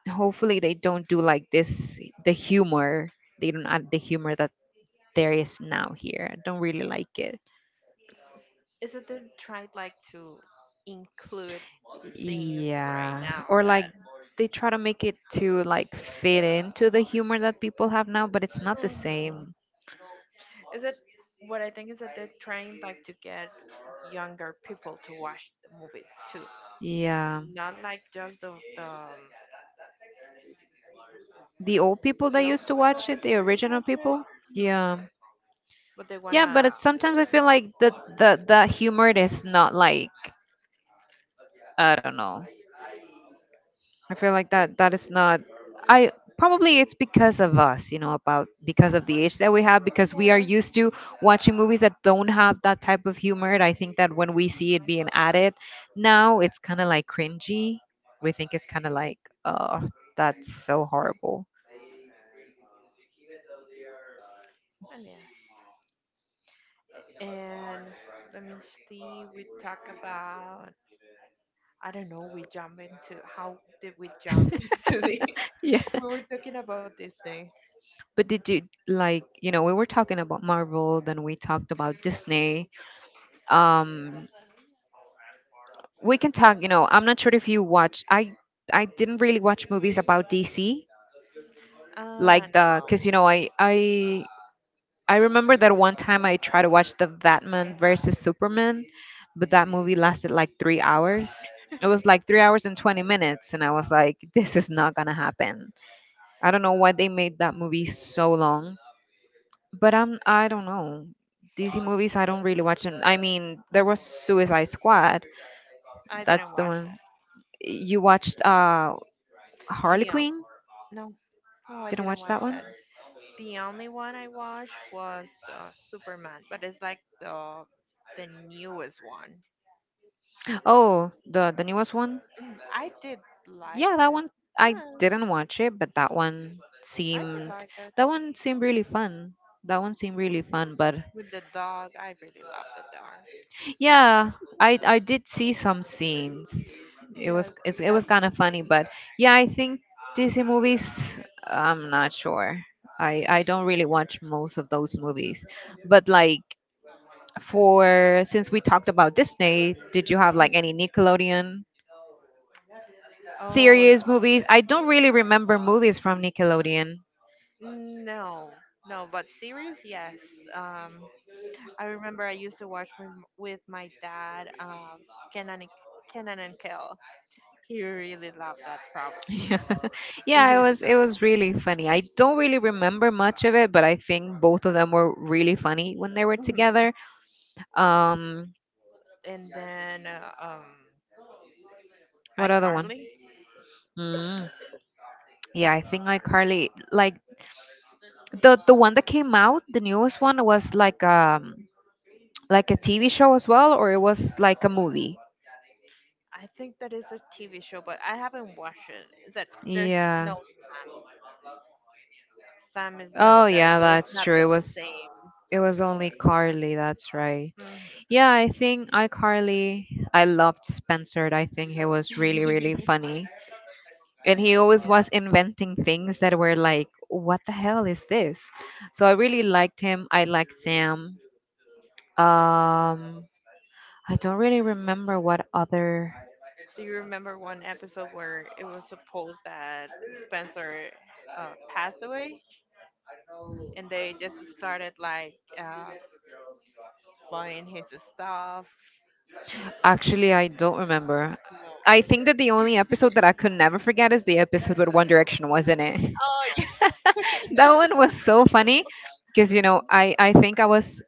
Speaker 2: hopefully they don't do like this the humor. They don't add the humor that there is now here. I don't really like it.
Speaker 1: Is it they tried like to include things right
Speaker 2: Yeah,
Speaker 1: now
Speaker 2: or like
Speaker 1: that?
Speaker 2: they try to make it to like fit into the humor that people have now, but it's not the
Speaker 1: Mhm.
Speaker 2: same.
Speaker 1: Is it what I think is that they're trying like to get younger people to watch the movies too,
Speaker 2: Yeah.
Speaker 1: not like just the the um,
Speaker 2: The old people that
Speaker 1: the old
Speaker 2: used to
Speaker 1: people
Speaker 2: watch
Speaker 1: that
Speaker 2: it, the
Speaker 1: used to
Speaker 2: original
Speaker 1: watch it,
Speaker 2: people.
Speaker 1: Mhm.
Speaker 2: Yeah,
Speaker 1: But they
Speaker 2: yeah,
Speaker 1: wanna.
Speaker 2: sometimes I feel like the humor is not like, I don't know. I feel like that is not. I probably it's because of us, you know, about because of the age that we have, because we are
Speaker 1: Yes.
Speaker 2: used to watching movies that don't have that type of humor. And I think that when we see it being added now, it's kind of like cringy. We think it's kind of like, oh, that's so horrible.
Speaker 1: And yes. And let me see. We talk about I don't know. We jump into how did we jump into this?
Speaker 2: Yeah.
Speaker 1: We were talking about Disney.
Speaker 2: But did you, like, you know, we were talking about Marvel, then we talked about Disney. Um, we can talk, you know, I'm not sure if you watch. I didn't really watch movies about DC,
Speaker 1: Ah, no.
Speaker 2: because you know, I remember that one time I tried to watch the Batman versus Superman, but that movie lasted like 3 hours. It was like 3 hours and 20 minutes, and I was like, this is not gonna happen. I don't know why they made that movie so long, but I don't know. DC movies, I don't really watch them. I mean, there
Speaker 1: Mm,
Speaker 2: was Suicide Squad.
Speaker 1: I
Speaker 2: That's
Speaker 1: didn't
Speaker 2: the
Speaker 1: watch it.
Speaker 2: one you watched. Harley
Speaker 1: Dion,
Speaker 2: Quinn.
Speaker 1: no, no, I
Speaker 2: Didn't
Speaker 1: didn't
Speaker 2: watch
Speaker 1: watch
Speaker 2: that one.
Speaker 1: it. The only one I watched was Superman, but it's like the newest one.
Speaker 2: Oh, the newest one.
Speaker 1: Mm, I did like
Speaker 2: Yeah, that
Speaker 1: it.
Speaker 2: one I
Speaker 1: Yeah,
Speaker 2: didn't watch it, but
Speaker 1: I did like it.
Speaker 2: that one seemed really fun. That one seemed really fun, but
Speaker 1: With the dog, I really love the dog.
Speaker 2: yeah, I did see some scenes.
Speaker 1: Yes,
Speaker 2: It was
Speaker 1: that's
Speaker 2: kind of funny, but yeah, I think Disney movies. I'm not sure. I don't really watch most of those movies, but like, for since we talked about Disney, did you have like any Nickelodeon
Speaker 1: oh
Speaker 2: series movies? I don't really remember movies from Nickelodeon.
Speaker 1: no, no, but series, yes. Um, I remember I used to watch with my dad. Kenan, Kenan and Kel. He really loved that problem.
Speaker 2: Yeah.
Speaker 1: He
Speaker 2: Yeah,
Speaker 1: really
Speaker 2: it was really funny. I don't really remember much of it, but I think both of them were really funny when they were
Speaker 1: loved. It.
Speaker 2: together. Um,
Speaker 1: And then
Speaker 2: what other one?
Speaker 1: iCarly.
Speaker 2: Mm. Yeah, I think like
Speaker 1: iCar-
Speaker 2: Carly, like the one that came out, the newest one was like a TV show as well, or it was like a movie.
Speaker 1: I think that is a TV show, but I haven't watched it. Is that there's
Speaker 2: Yeah.
Speaker 1: no Sam? Sam is
Speaker 2: Oh
Speaker 1: not there,
Speaker 2: yeah,
Speaker 1: so it's
Speaker 2: that's
Speaker 1: not
Speaker 2: true.
Speaker 1: the same.
Speaker 2: It
Speaker 1: So,
Speaker 2: was only Carly. That's right.
Speaker 1: uh, mm.
Speaker 2: Yeah, I think iCarly, I loved Spencer. I think he was really, really funny. And he always
Speaker 1: yeah.
Speaker 2: was inventing things that were like, what the hell is this? So I really liked him. I liked Sam. Um, I don't really remember what other.
Speaker 1: Do you remember one episode where it was supposed that Spencer passed away, and they just started like buying his stuff?
Speaker 2: Actually, I don't remember. I think that the only episode that I could never forget is the episode with One Direction, wasn't it?
Speaker 1: Oh,
Speaker 2: That one was so funny because you know I think I was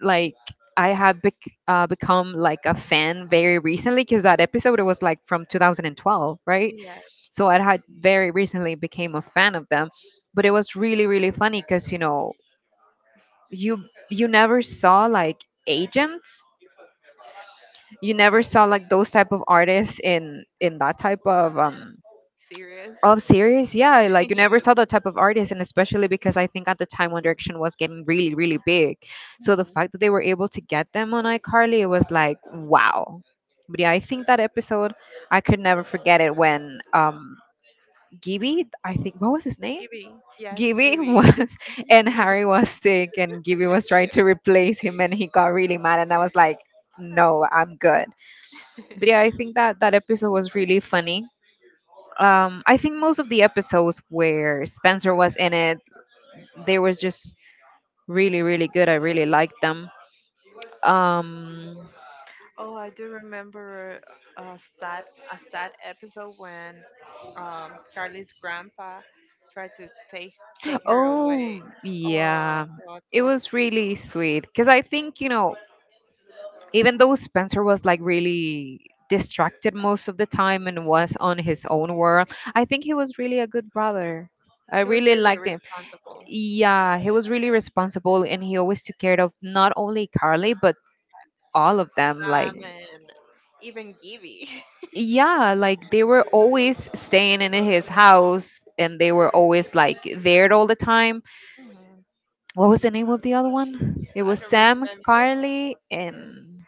Speaker 2: like, I have become like a fan very recently because that episode it was like from 2012, right?
Speaker 1: yeah.
Speaker 2: So I had very recently became a fan of them, but it was really really funny because you know you you never saw like agents, you never saw like those type of artists in that type of
Speaker 1: Serious?
Speaker 2: of series, yeah, like you never
Speaker 1: yes.
Speaker 2: saw that type of artist, and especially because I think at the time One Direction was getting really, really big. So the
Speaker 1: Mhm.
Speaker 2: fact that they were able to get them on iCarly, it was like wow. But yeah, I think that episode I could never forget it when Gibby, I think what was his name?
Speaker 1: Gibby, yes,
Speaker 2: Gibby
Speaker 1: Gibby.
Speaker 2: was and Harry was sick and Gibby was trying to replace him and he got really mad and I was like, no, I'm good. But yeah, I think that that episode was really funny. I think most of the episodes where Spencer was in it, they was just really really good. I really liked them. Um,
Speaker 1: Oh, I do remember a sad a sad episode when Charlie's grandpa tried to take her away.
Speaker 2: oh
Speaker 1: Oh,
Speaker 2: yeah.
Speaker 1: no,
Speaker 2: It
Speaker 1: so
Speaker 2: was really sweet cuz I think, you know, even though Spencer was like really distracted most of the time and was on his own world, I think he was really a good brother. I
Speaker 1: he was
Speaker 2: really
Speaker 1: really
Speaker 2: liked him.
Speaker 1: responsible.
Speaker 2: Yeah, he was really responsible and he always took care of not only Carly but all of them, like,
Speaker 1: Sam and even Gibby.
Speaker 2: yeah, like they were always staying in his house and they were always like there all the time.
Speaker 1: Mhm.
Speaker 2: What was the name of the other one? It
Speaker 1: I
Speaker 2: was
Speaker 1: don't
Speaker 2: Sam
Speaker 1: remember.
Speaker 2: Carly and,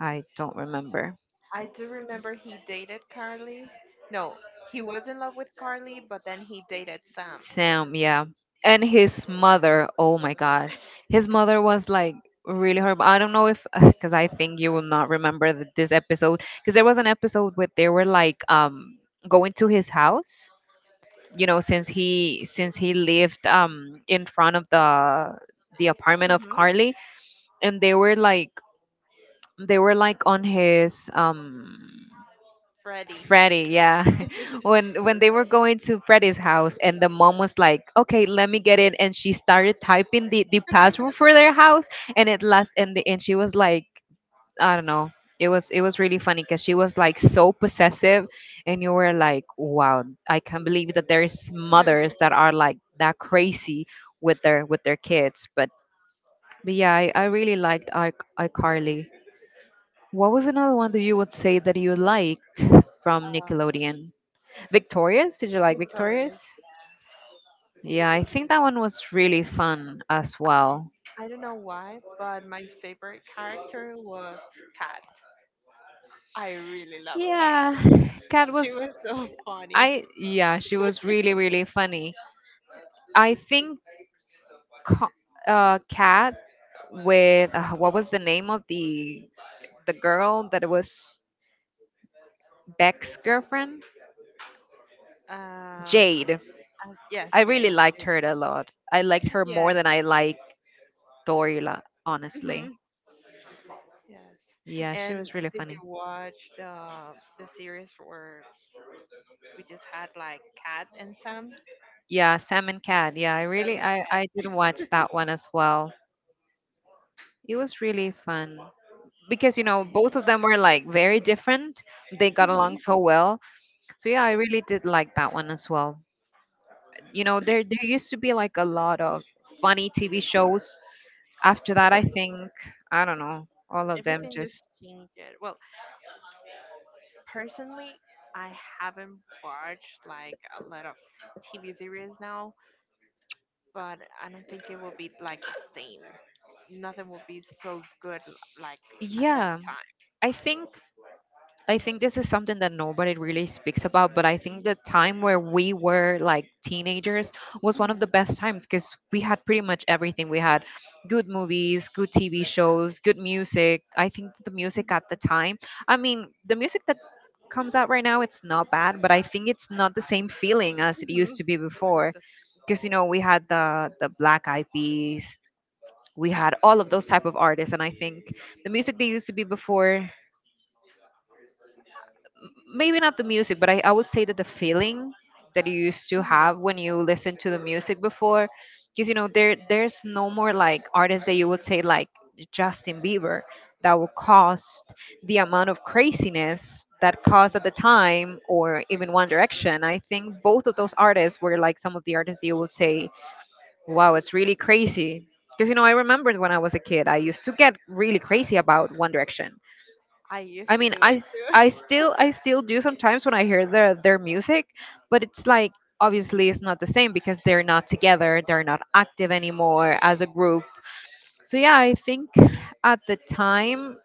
Speaker 2: I don't remember.
Speaker 1: I do remember he dated Carly. No, he was in love with Carly, but then he dated Sam.
Speaker 2: Sam, yeah. And his mother, oh my God. His mother was like really horrible. I don't know if, because I think you will not remember this episode, because there was an episode where they were like going to his house, you know, since he lived in front of the apartment of
Speaker 1: Hmm
Speaker 2: Carly, and they were like on his
Speaker 1: Freddie.
Speaker 2: Freddy, yeah. When they were going to Freddy's house and the mom was like, okay, let me get in, and she started typing the password for their house, and it last and the, and she was like, I don't know. It was really funny because she was like so possessive, and you were like, wow, I can't believe that there's mothers that are like that crazy with their kids. But yeah, I really liked I iCarly. What was another one that you would say that you liked from Nickelodeon?
Speaker 1: Uh,
Speaker 2: Victorious? Did you like Victorious?
Speaker 1: Victorious, yes.
Speaker 2: Yeah, I think that one was really fun as well.
Speaker 1: I don't know why, but my favorite character was Kat. I really love Kat.
Speaker 2: Yeah, Kat
Speaker 1: She
Speaker 2: was.
Speaker 1: was so funny.
Speaker 2: I, yeah, she was really really funny. I think co- cat with what was the name of the girl that was Beck's girlfriend?
Speaker 1: Um,
Speaker 2: Jade.
Speaker 1: yes,
Speaker 2: I really
Speaker 1: Jane.
Speaker 2: liked her a lot. I liked her
Speaker 1: Yeah.
Speaker 2: more than I liked Dorila, honestly.
Speaker 1: hmm Yes.
Speaker 2: Yeah, she
Speaker 1: And
Speaker 2: was really
Speaker 1: did you
Speaker 2: funny.
Speaker 1: watch the series where we just had like Cat and Sam?
Speaker 2: Yeah, Sam and Cat. Yeah, I
Speaker 1: Sam
Speaker 2: really
Speaker 1: and Kat.
Speaker 2: I did watch that one as well. It was really fun because both of them were like very different. They got
Speaker 1: Hmm
Speaker 2: along so well. So yeah, I really did like that one as well. There used to be like a lot of funny TV shows. After that, I think, I don't know, all of them
Speaker 1: Everything just
Speaker 2: just.
Speaker 1: changed. Well, personally, I haven't watched like a lot of TV series now but I don't think it will be like the same. Nothing will be so good like at that
Speaker 2: Yeah.
Speaker 1: time.
Speaker 2: I think I think this is something that nobody really speaks about, but I think the time where we were like teenagers was one of the
Speaker 1: Hmm
Speaker 2: best times because we had pretty much everything. We had good movies, good TV shows, good music. I think the music at
Speaker 1: hmm
Speaker 2: the time, I mean, the music that comes out right now, it's not bad, but I think it's not the same feeling as it
Speaker 1: hmm
Speaker 2: used to be
Speaker 1: It's not
Speaker 2: before.
Speaker 1: the
Speaker 2: Because we had the Black Eyed Peas, we had all of those type of artists, and I think the music they used to be before, maybe not the music, but I would say that the feeling that you used to have
Speaker 1: same.
Speaker 2: when you listened to the music before, because there's no more like artists that you would say like Justin Bieber that will cost the amount of craziness that
Speaker 1: Hmm
Speaker 2: caused at the time or even One Direction. I think both of those artists were like some of the artists that you would say, wow, it's really crazy. Because I remembered when I was a kid, I used to get really crazy about One Direction.
Speaker 1: I used
Speaker 2: I
Speaker 1: to
Speaker 2: mean,
Speaker 1: do
Speaker 2: I
Speaker 1: it
Speaker 2: s-
Speaker 1: too.
Speaker 2: I still I still do sometimes when I hear their music, but it's like obviously it's not the same because they're not together, they're not active anymore as a group. So yeah, I think at the time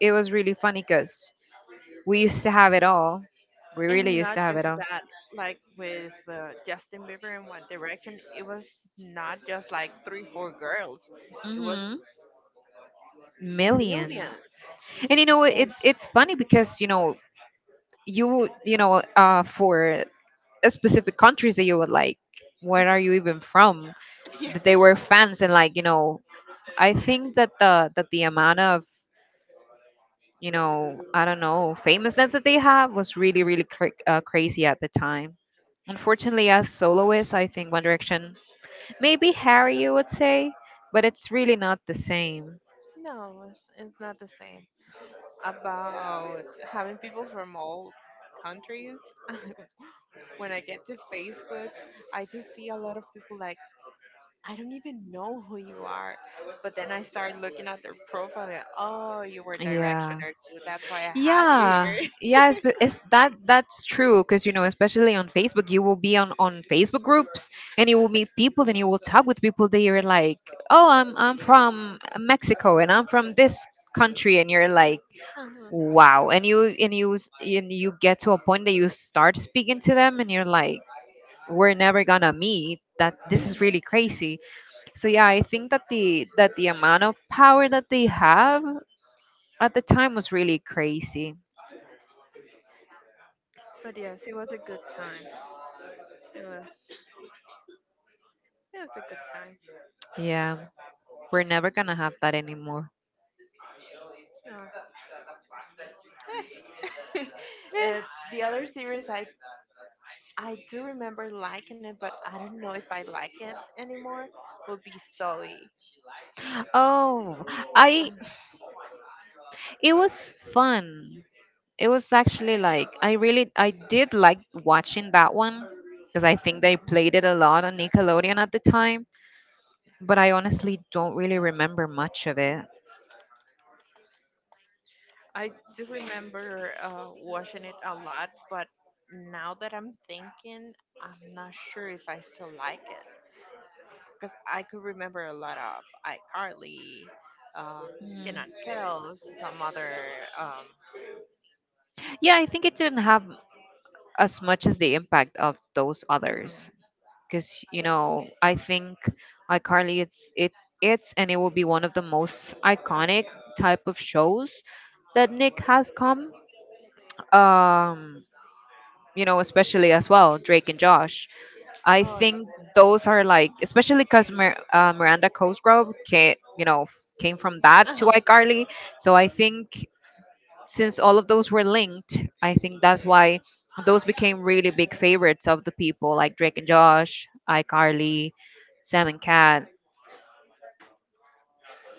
Speaker 2: it was really funny because we used to have it all. We really
Speaker 1: And
Speaker 2: used
Speaker 1: not
Speaker 2: to have it
Speaker 1: just
Speaker 2: all.
Speaker 1: that, like with Justin Bieber and One Direction, it was not just like three, four girls. It was
Speaker 2: Hmm. Million.
Speaker 1: millions.
Speaker 2: And it,
Speaker 1: And
Speaker 2: it's funny because for a specific countries that you would like. Where are you even from? That
Speaker 1: Yeah.
Speaker 2: they were fans and like I think that the amount of, I don't know, famousness that they have was really really crazy at the time. Unfortunately, as soloists, I think One Direction, maybe Harry, you would say, but it's really not the same.
Speaker 1: No, it's not the same. About having people from all countries, when I get to Facebook, I just see a lot of people like, I don't even know who you are. But then I start looking at their profile and, oh, you were
Speaker 2: Yeah.
Speaker 1: directioner too. That's why I have you
Speaker 2: Yeah,
Speaker 1: here.
Speaker 2: yeah, it's that's true because, especially on Facebook, you will be on Facebook groups, and you will meet people, and you will talk with people that you're like, "Oh, I'm from Mexico and I'm from this country." And you're like,
Speaker 1: Uh-huh.
Speaker 2: "Wow." And you get to a point that you start speaking to them and you're like, "We're never gonna meet." That this is really crazy. So yeah, I think that the amount of power that they have at the time was really crazy.
Speaker 1: But yes, it was a good time. It was. It was a good time.
Speaker 2: Yeah. We're never gonna have that anymore.
Speaker 1: No.
Speaker 2: Eh.
Speaker 1: uh, the other series I do remember liking it, but I don't know if I like it anymore. Would be Zoe.
Speaker 2: Oh, I it was fun. It was actually like I did like watching that one because I think they played it a lot on Nickelodeon at the time, but I honestly don't really remember much of it.
Speaker 1: I do remember watching it a lot, but now that I'm thinking, I'm not sure if I still like it because I could remember a lot of iCarly, um,
Speaker 2: Mm.
Speaker 1: Kenan Kells, some other. Um,
Speaker 2: Yeah, I think it didn't have as much as the impact of those others.
Speaker 1: mhm,
Speaker 2: Because I think iCarly, it's and it will be one of the most iconic
Speaker 1: icon.
Speaker 2: type of shows that Nick has come. Um, Especially as well Drake and Josh. I
Speaker 1: Oh yeah.
Speaker 2: think those are like, especially because Miranda Cosgrove came, came from that to
Speaker 1: Uh-huh.
Speaker 2: iCarly. So I think since all of those were linked, I think that's why those became really big favorites of the people like Drake and Josh, iCarly, Sam and Cat.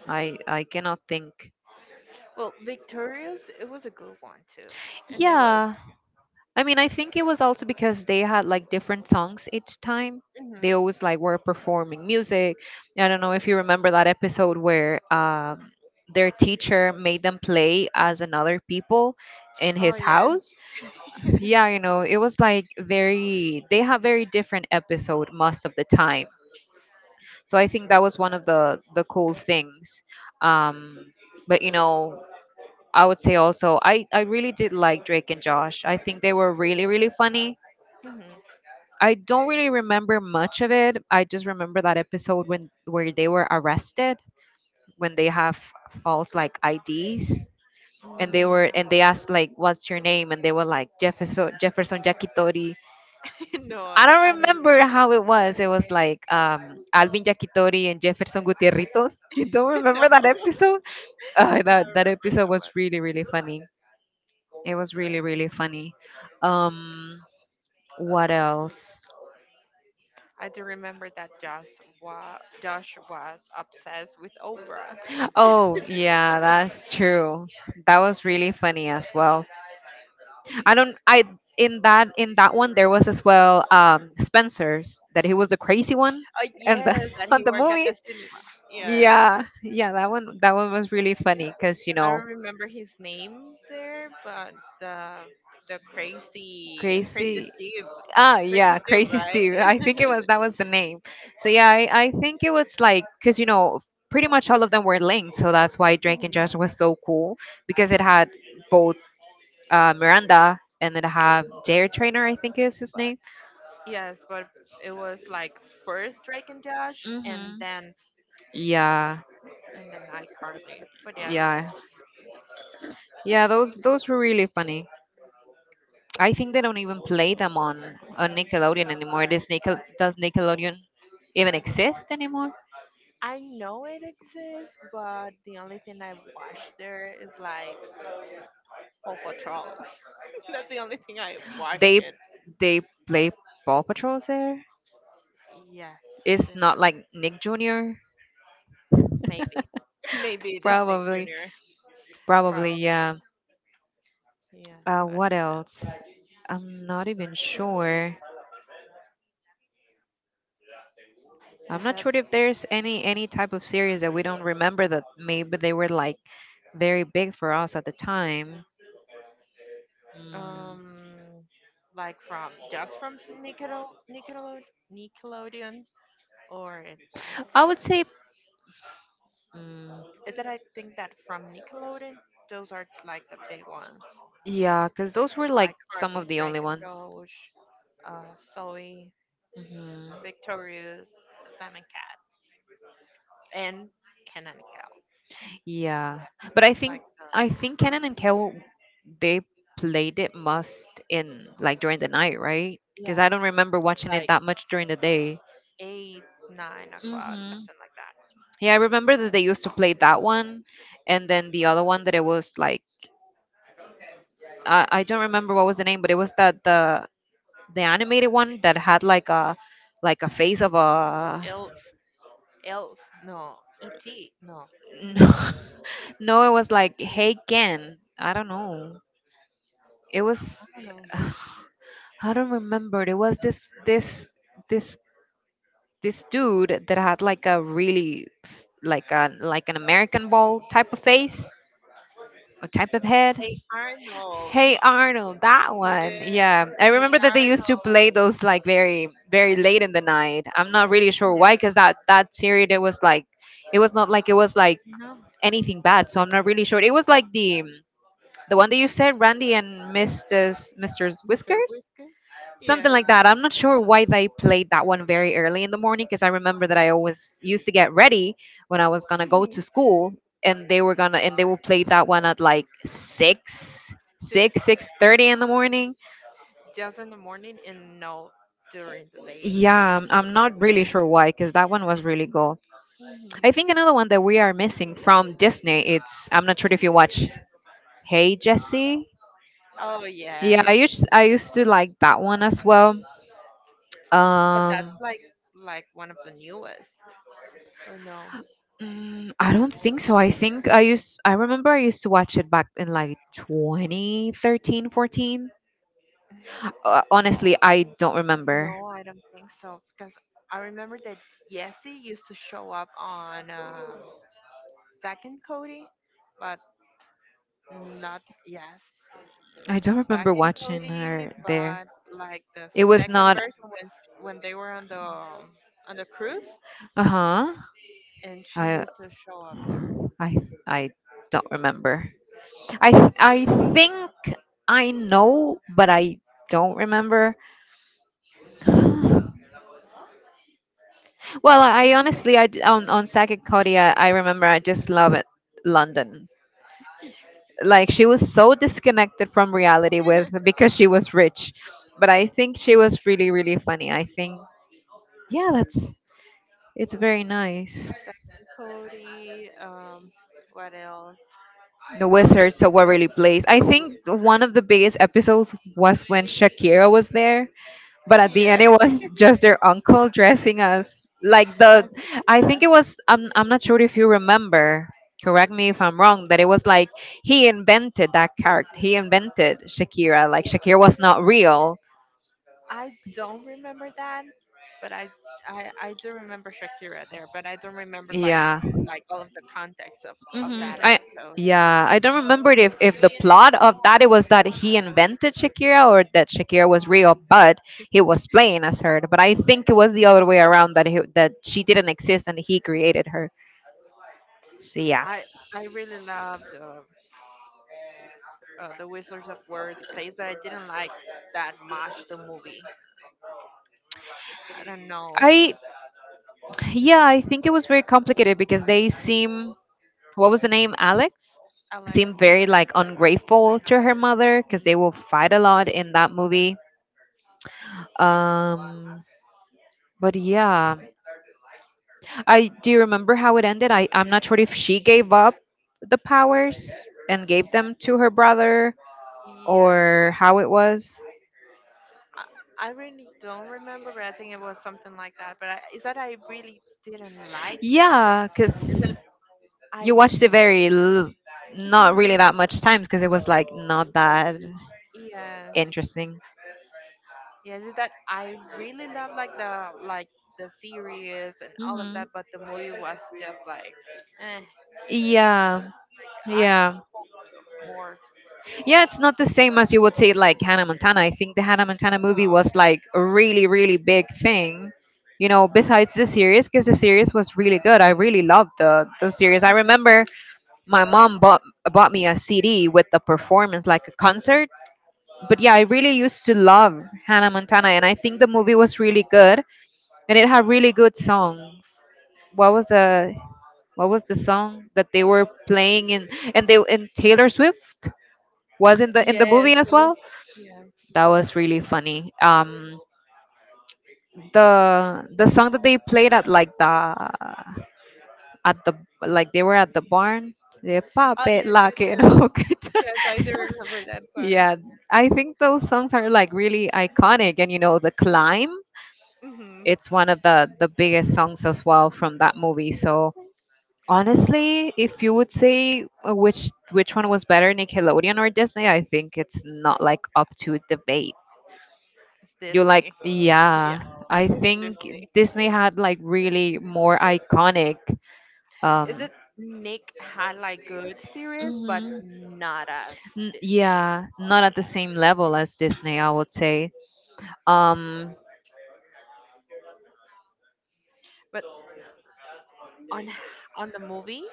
Speaker 2: I cannot think.
Speaker 1: Well, Victorious, it was a good one too, and it was.
Speaker 2: Yeah. I mean, I think it was also because they had like different songs each time. They
Speaker 1: Hmm
Speaker 2: always like were performing music. I don't know if you remember that episode where their teacher made them play as another people in
Speaker 1: Oh
Speaker 2: his house.
Speaker 1: yes.
Speaker 2: Yeah, it was like very, they have very different episode most of the time. So I think that was one of the cool things. um but I would say also, I really did like Drake and Josh. I think they were really really funny.
Speaker 1: hmm
Speaker 2: I don't really remember much of it. I just remember that episode when where they were arrested, when they have false like IDs, and they were
Speaker 1: Mm,
Speaker 2: and they asked like, "What's your name?" And they were like, Jefferson Jakitori."
Speaker 1: no,
Speaker 2: I
Speaker 1: I
Speaker 2: don't
Speaker 1: don't
Speaker 2: remember
Speaker 1: remember.
Speaker 2: how it was. It was like, Alvin Yakitori and Jefferson Gutierritos. You don't remember
Speaker 1: No,
Speaker 2: that
Speaker 1: no,
Speaker 2: episode? Uh,
Speaker 1: I don't
Speaker 2: that that
Speaker 1: remember
Speaker 2: episode
Speaker 1: that.
Speaker 2: was really really funny. It was really really funny. Um, what else?
Speaker 1: I do remember that Josh was obsessed with Oprah.
Speaker 2: Oh yeah, that's true. That was really funny as well. I don't. I in that one there was as well, Spencer's that he was the crazy one,
Speaker 1: Oh
Speaker 2: and the,
Speaker 1: yes, that
Speaker 2: on
Speaker 1: he
Speaker 2: the
Speaker 1: worked at
Speaker 2: movie.
Speaker 1: the cinema. Yes,
Speaker 2: Yeah, yeah, that one was really funny because you
Speaker 1: I
Speaker 2: know
Speaker 1: don't remember his name there, but the the crazy
Speaker 2: Crazy.
Speaker 1: Steve,
Speaker 2: Ah,
Speaker 1: crazy
Speaker 2: yeah,
Speaker 1: Steve,
Speaker 2: Crazy Steve. I
Speaker 1: right?
Speaker 2: think it was that was the name. So yeah, I think it was like, because pretty much all of them were linked, so that's why Drake and
Speaker 1: Mhm.
Speaker 2: Josh was so cool, because it had both, Miranda, and it had Jair Trainer, I think is his name.
Speaker 1: Yes, but it was like first Drake and Josh,
Speaker 2: Hmm Yeah,
Speaker 1: and then iCarly. But yes,
Speaker 2: yeah, yeah. Those were really funny. I think they don't even play them on Nickelodeon anymore. Does Nickelodeon even exist anymore?
Speaker 1: I know it exists, but the only thing I watched there is like Paw Patrol. That's the only thing I watched
Speaker 2: They
Speaker 1: it.
Speaker 2: they play Paw Patrols there.
Speaker 1: Yes,
Speaker 2: It's not like Nick Jr.
Speaker 1: maybe. Maybe Disney
Speaker 2: Probably,
Speaker 1: Jr.
Speaker 2: probably,
Speaker 1: Probably.
Speaker 2: yeah.
Speaker 1: Yes, but
Speaker 2: What else? I'm not even sure.
Speaker 1: is
Speaker 2: I'm not
Speaker 1: that
Speaker 2: sure if there's any type of series that we don't remember that maybe they were like very big for us at the time. Mm,
Speaker 1: um like from just from Nickelode Nickelodeon or it's like,
Speaker 2: I would say, mm,
Speaker 1: is that I think that from Nickelodeon those are like the big ones.
Speaker 2: yeah, because those were like some
Speaker 1: iCarly,
Speaker 2: of the
Speaker 1: Drake
Speaker 2: only
Speaker 1: and
Speaker 2: ones.
Speaker 1: Josh, Zoe,
Speaker 2: Hmm.
Speaker 1: Victorious, Sam and Cat, and Ken and Kel.
Speaker 2: Yeah, but
Speaker 1: Where
Speaker 2: I
Speaker 1: it's
Speaker 2: think
Speaker 1: like,
Speaker 2: I think Kenan and Kel, they played it must in like during the night, right? Because I
Speaker 1: yes,
Speaker 2: don't remember watching it
Speaker 1: like
Speaker 2: that much during the day.
Speaker 1: eight, 9 o'clock,
Speaker 2: Hmm.
Speaker 1: something like that.
Speaker 2: Yeah, I remember that they used to play that one, and then the other one that it was like, I don't remember what was the name, but it was that the animated one that had like a face of a,
Speaker 1: Elf, Elf, no, E.T., no,
Speaker 2: no, no, it was like Hey Ken. I don't know. It was,
Speaker 1: I don't know.
Speaker 2: I don't remember. It was this this dude that had like a really, like an American ball type of face, or type of head.
Speaker 1: Hey Arnold,
Speaker 2: Hey Arnold, that one.
Speaker 1: yeah,
Speaker 2: Yeah, I
Speaker 1: Hey
Speaker 2: remember that they used to
Speaker 1: Arnold,
Speaker 2: play those like very very late in the night. I'm not really sure
Speaker 1: yeah,
Speaker 2: why, because that series, it was like, it was not like, it was like
Speaker 1: no,
Speaker 2: anything bad. So I'm not really sure. It was like the one that you said, Randy and Mrs. Mr.
Speaker 1: Mr.
Speaker 2: Whiskers,
Speaker 1: Whiskers, yeah,
Speaker 2: something like that. I'm not sure why they played that one very early in the morning, because I remember that I always used to get ready when I was gonna go to school, and they were gonna and they will play that one at like,
Speaker 1: six
Speaker 2: 6:30 in the morning.
Speaker 1: just in the morning and no during the day.
Speaker 2: Yeah, I'm not really sure why, because that one was really cool.
Speaker 1: Mhm.
Speaker 2: I think another one that we are missing from Disney. It's I'm not sure if you watch Hey Jesse.
Speaker 1: Oh
Speaker 2: Yeah,
Speaker 1: yeah,
Speaker 2: I used to like that one as well.
Speaker 1: but that's
Speaker 2: Um,
Speaker 1: like one of the newest, or no?
Speaker 2: Mm, I don't think so. I think I used to watch it back in like 2013, 14.
Speaker 1: No.
Speaker 2: Honestly, I don't remember.
Speaker 1: No, I don't think so because I remember that Yessi used to show up on second Cody, but not yes,
Speaker 2: I don't remember
Speaker 1: second
Speaker 2: watching
Speaker 1: Cody,
Speaker 2: her there.
Speaker 1: but like the
Speaker 2: It was
Speaker 1: second
Speaker 2: not.
Speaker 1: version when they were on the cruise,
Speaker 2: Uh-huh.
Speaker 1: and she
Speaker 2: I
Speaker 1: used to show up there.
Speaker 2: I I don't remember. I I think I know, but I don't remember. Well, I
Speaker 1: We didn't
Speaker 2: honestly, I d- on Sagittaria, I remember I just love it. London,
Speaker 1: yes.
Speaker 2: like she was so disconnected from reality with because she was rich, but I think she was really really funny, I think. Yeah, that's it's very nice.
Speaker 1: Second Cody. What else?
Speaker 2: The
Speaker 1: Oh,
Speaker 2: Wizards of Waverly Place, I
Speaker 1: the Wii.
Speaker 2: think one of the biggest episodes was when Shakira was there, but at the
Speaker 1: Yeah,
Speaker 2: end it was, just their uncle dressing us like the.
Speaker 1: that's it.
Speaker 2: I think I'm not sure if you remember, correct me if I'm wrong, that it was like he invented that character, he invented Shakira, like Shakira was not real.
Speaker 1: I don't remember that, but I do remember Shakira there, but I don't remember
Speaker 2: Yeah.
Speaker 1: like all of the context of
Speaker 2: Hmm.
Speaker 1: that
Speaker 2: I
Speaker 1: episode.
Speaker 2: yeah, I don't remember if the plot of that, it was that he invented Shakira or that Shakira was real, but he was playing as her. But I think it was the other way around, that she didn't exist and he created her. So yeah,
Speaker 1: I I really loved the Whistlers of War, the plays, but I didn't like that much the movie. I don't know,
Speaker 2: I Yeah, I think it was very complicated because they seem, what was the name? Alex
Speaker 1: Alex.
Speaker 2: seemed very like ungrateful to her mother because
Speaker 1: Mhm.
Speaker 2: they will fight a lot in that movie. Um, but yeah. I do you remember how it ended? I'm not sure if she gave up the powers and gave them to her brother
Speaker 1: Yes,
Speaker 2: or how it was.
Speaker 1: I, I really don't remember, but I think it was something like that. But I, is that I really didn't like it?
Speaker 2: Yeah,
Speaker 1: Is that
Speaker 2: because
Speaker 1: I?
Speaker 2: you watched it very, not really
Speaker 1: Mhm,
Speaker 2: that much times because it was like not that
Speaker 1: yes.
Speaker 2: interesting.
Speaker 1: Yes, is that I really love like the series and all of that,
Speaker 2: Hmm.
Speaker 1: but the movie was just like, eh,
Speaker 2: Yeah,
Speaker 1: I have
Speaker 2: yeah.
Speaker 1: more.
Speaker 2: Yeah, it's not the same as you would say, like Hannah Montana. I think the Hannah Montana movie
Speaker 1: uh,
Speaker 2: was like a really, really big thing, besides the series, because the series was really good. I really loved the series. I remember my mom bought me a CD with the performance, like a concert. But yeah, I really used to love Hannah Montana, and I think the movie was really good, and it had really good songs. What was the what was the song that they were playing in, and they, in Taylor Swift was in the
Speaker 1: yes,
Speaker 2: movie as well?
Speaker 1: yes.
Speaker 2: That was really funny. The
Speaker 1: But,
Speaker 2: song that they played at like the at the, like, they were at the barn. The
Speaker 1: oh,
Speaker 2: puppet lock it
Speaker 1: ye-
Speaker 2: hook it.
Speaker 1: yes, I do remember that song.
Speaker 2: Yeah, I think those songs are like really iconic, and, you know, the climb.
Speaker 1: Hmm
Speaker 2: It's one of the biggest songs as well from that movie. So honestly, if you would say, which one was better, Nickelodeon or Disney, I think it's not like up to debate.
Speaker 1: It's
Speaker 2: You like,
Speaker 1: Disney. Yeah,
Speaker 2: yeah. I
Speaker 1: it's
Speaker 2: think
Speaker 1: Disney.
Speaker 2: Disney had like really more iconic.
Speaker 1: Is
Speaker 2: Um,
Speaker 1: it Nick had like good series, but
Speaker 2: mhm.
Speaker 1: not as Disney?
Speaker 2: Yeah, not at the same level as Disney, I would say. Um,
Speaker 1: But on on the movie,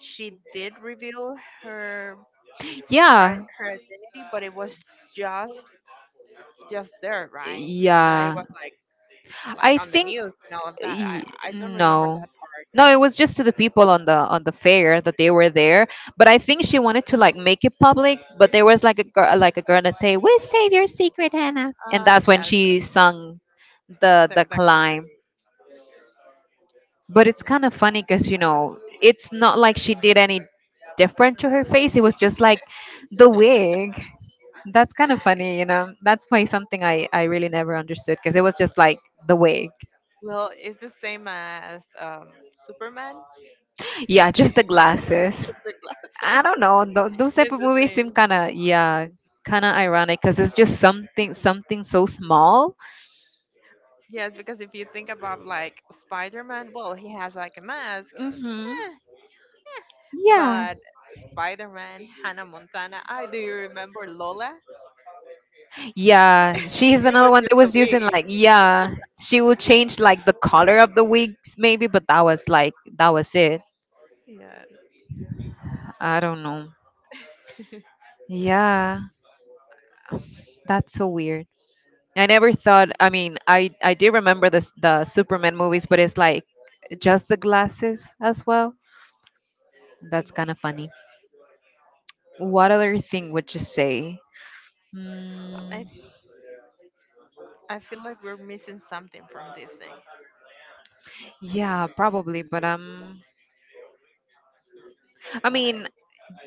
Speaker 1: she did reveal her
Speaker 2: yeah,
Speaker 1: her identity, but it was just just there, right? No, it
Speaker 2: yeah.
Speaker 1: was like
Speaker 2: I
Speaker 1: on the
Speaker 2: think
Speaker 1: news and all of that.
Speaker 2: y-
Speaker 1: I don't remember
Speaker 2: no,
Speaker 1: that part.
Speaker 2: no. It was just to the people on the fair that they were there. But I think she wanted to like make it public. But there was like a girl that say, "We'll save your secret, Hannah," and that's when
Speaker 1: Yes,
Speaker 2: she sung the the
Speaker 1: the
Speaker 2: climb.
Speaker 1: glasses.
Speaker 2: But it's kind
Speaker 1: Yeah.
Speaker 2: of funny because, you know, it's not like she did any different to her face. It was just like the wig. That's kind of funny, you know. That's why something, I really never understood, because it was just like the wig.
Speaker 1: Well, it's the same as Superman.
Speaker 2: Yeah, just the glasses.
Speaker 1: Just the
Speaker 2: I
Speaker 1: glasses
Speaker 2: don't know, those type
Speaker 1: is
Speaker 2: of
Speaker 1: the
Speaker 2: movies seem
Speaker 1: same.
Speaker 2: kind of, yeah, kind of ironic because it's just something so small.
Speaker 1: Yes, because if you think about like Spider-Man, well, he has like a mask,
Speaker 2: Hmm,
Speaker 1: eh,
Speaker 2: yeah.
Speaker 1: but Spider-Man, Hannah Montana. I do you remember Lola?
Speaker 2: Yeah, she's
Speaker 1: It
Speaker 2: another
Speaker 1: was
Speaker 2: one that
Speaker 1: just a
Speaker 2: was using
Speaker 1: wig.
Speaker 2: like, yeah, she would change like the color of the wigs maybe, but that was that was it.
Speaker 1: Yeah.
Speaker 2: I don't know. Yeah, that's so weird. I never thought. I mean, I did remember the the Superman movies, but it's like just the glasses as well. That's
Speaker 1: No.
Speaker 2: kind of funny. What other thing would you say?
Speaker 1: I
Speaker 2: Mm,
Speaker 1: I feel like we're missing something from Disney.
Speaker 2: yeah, probably. But I
Speaker 1: Like
Speaker 2: mean,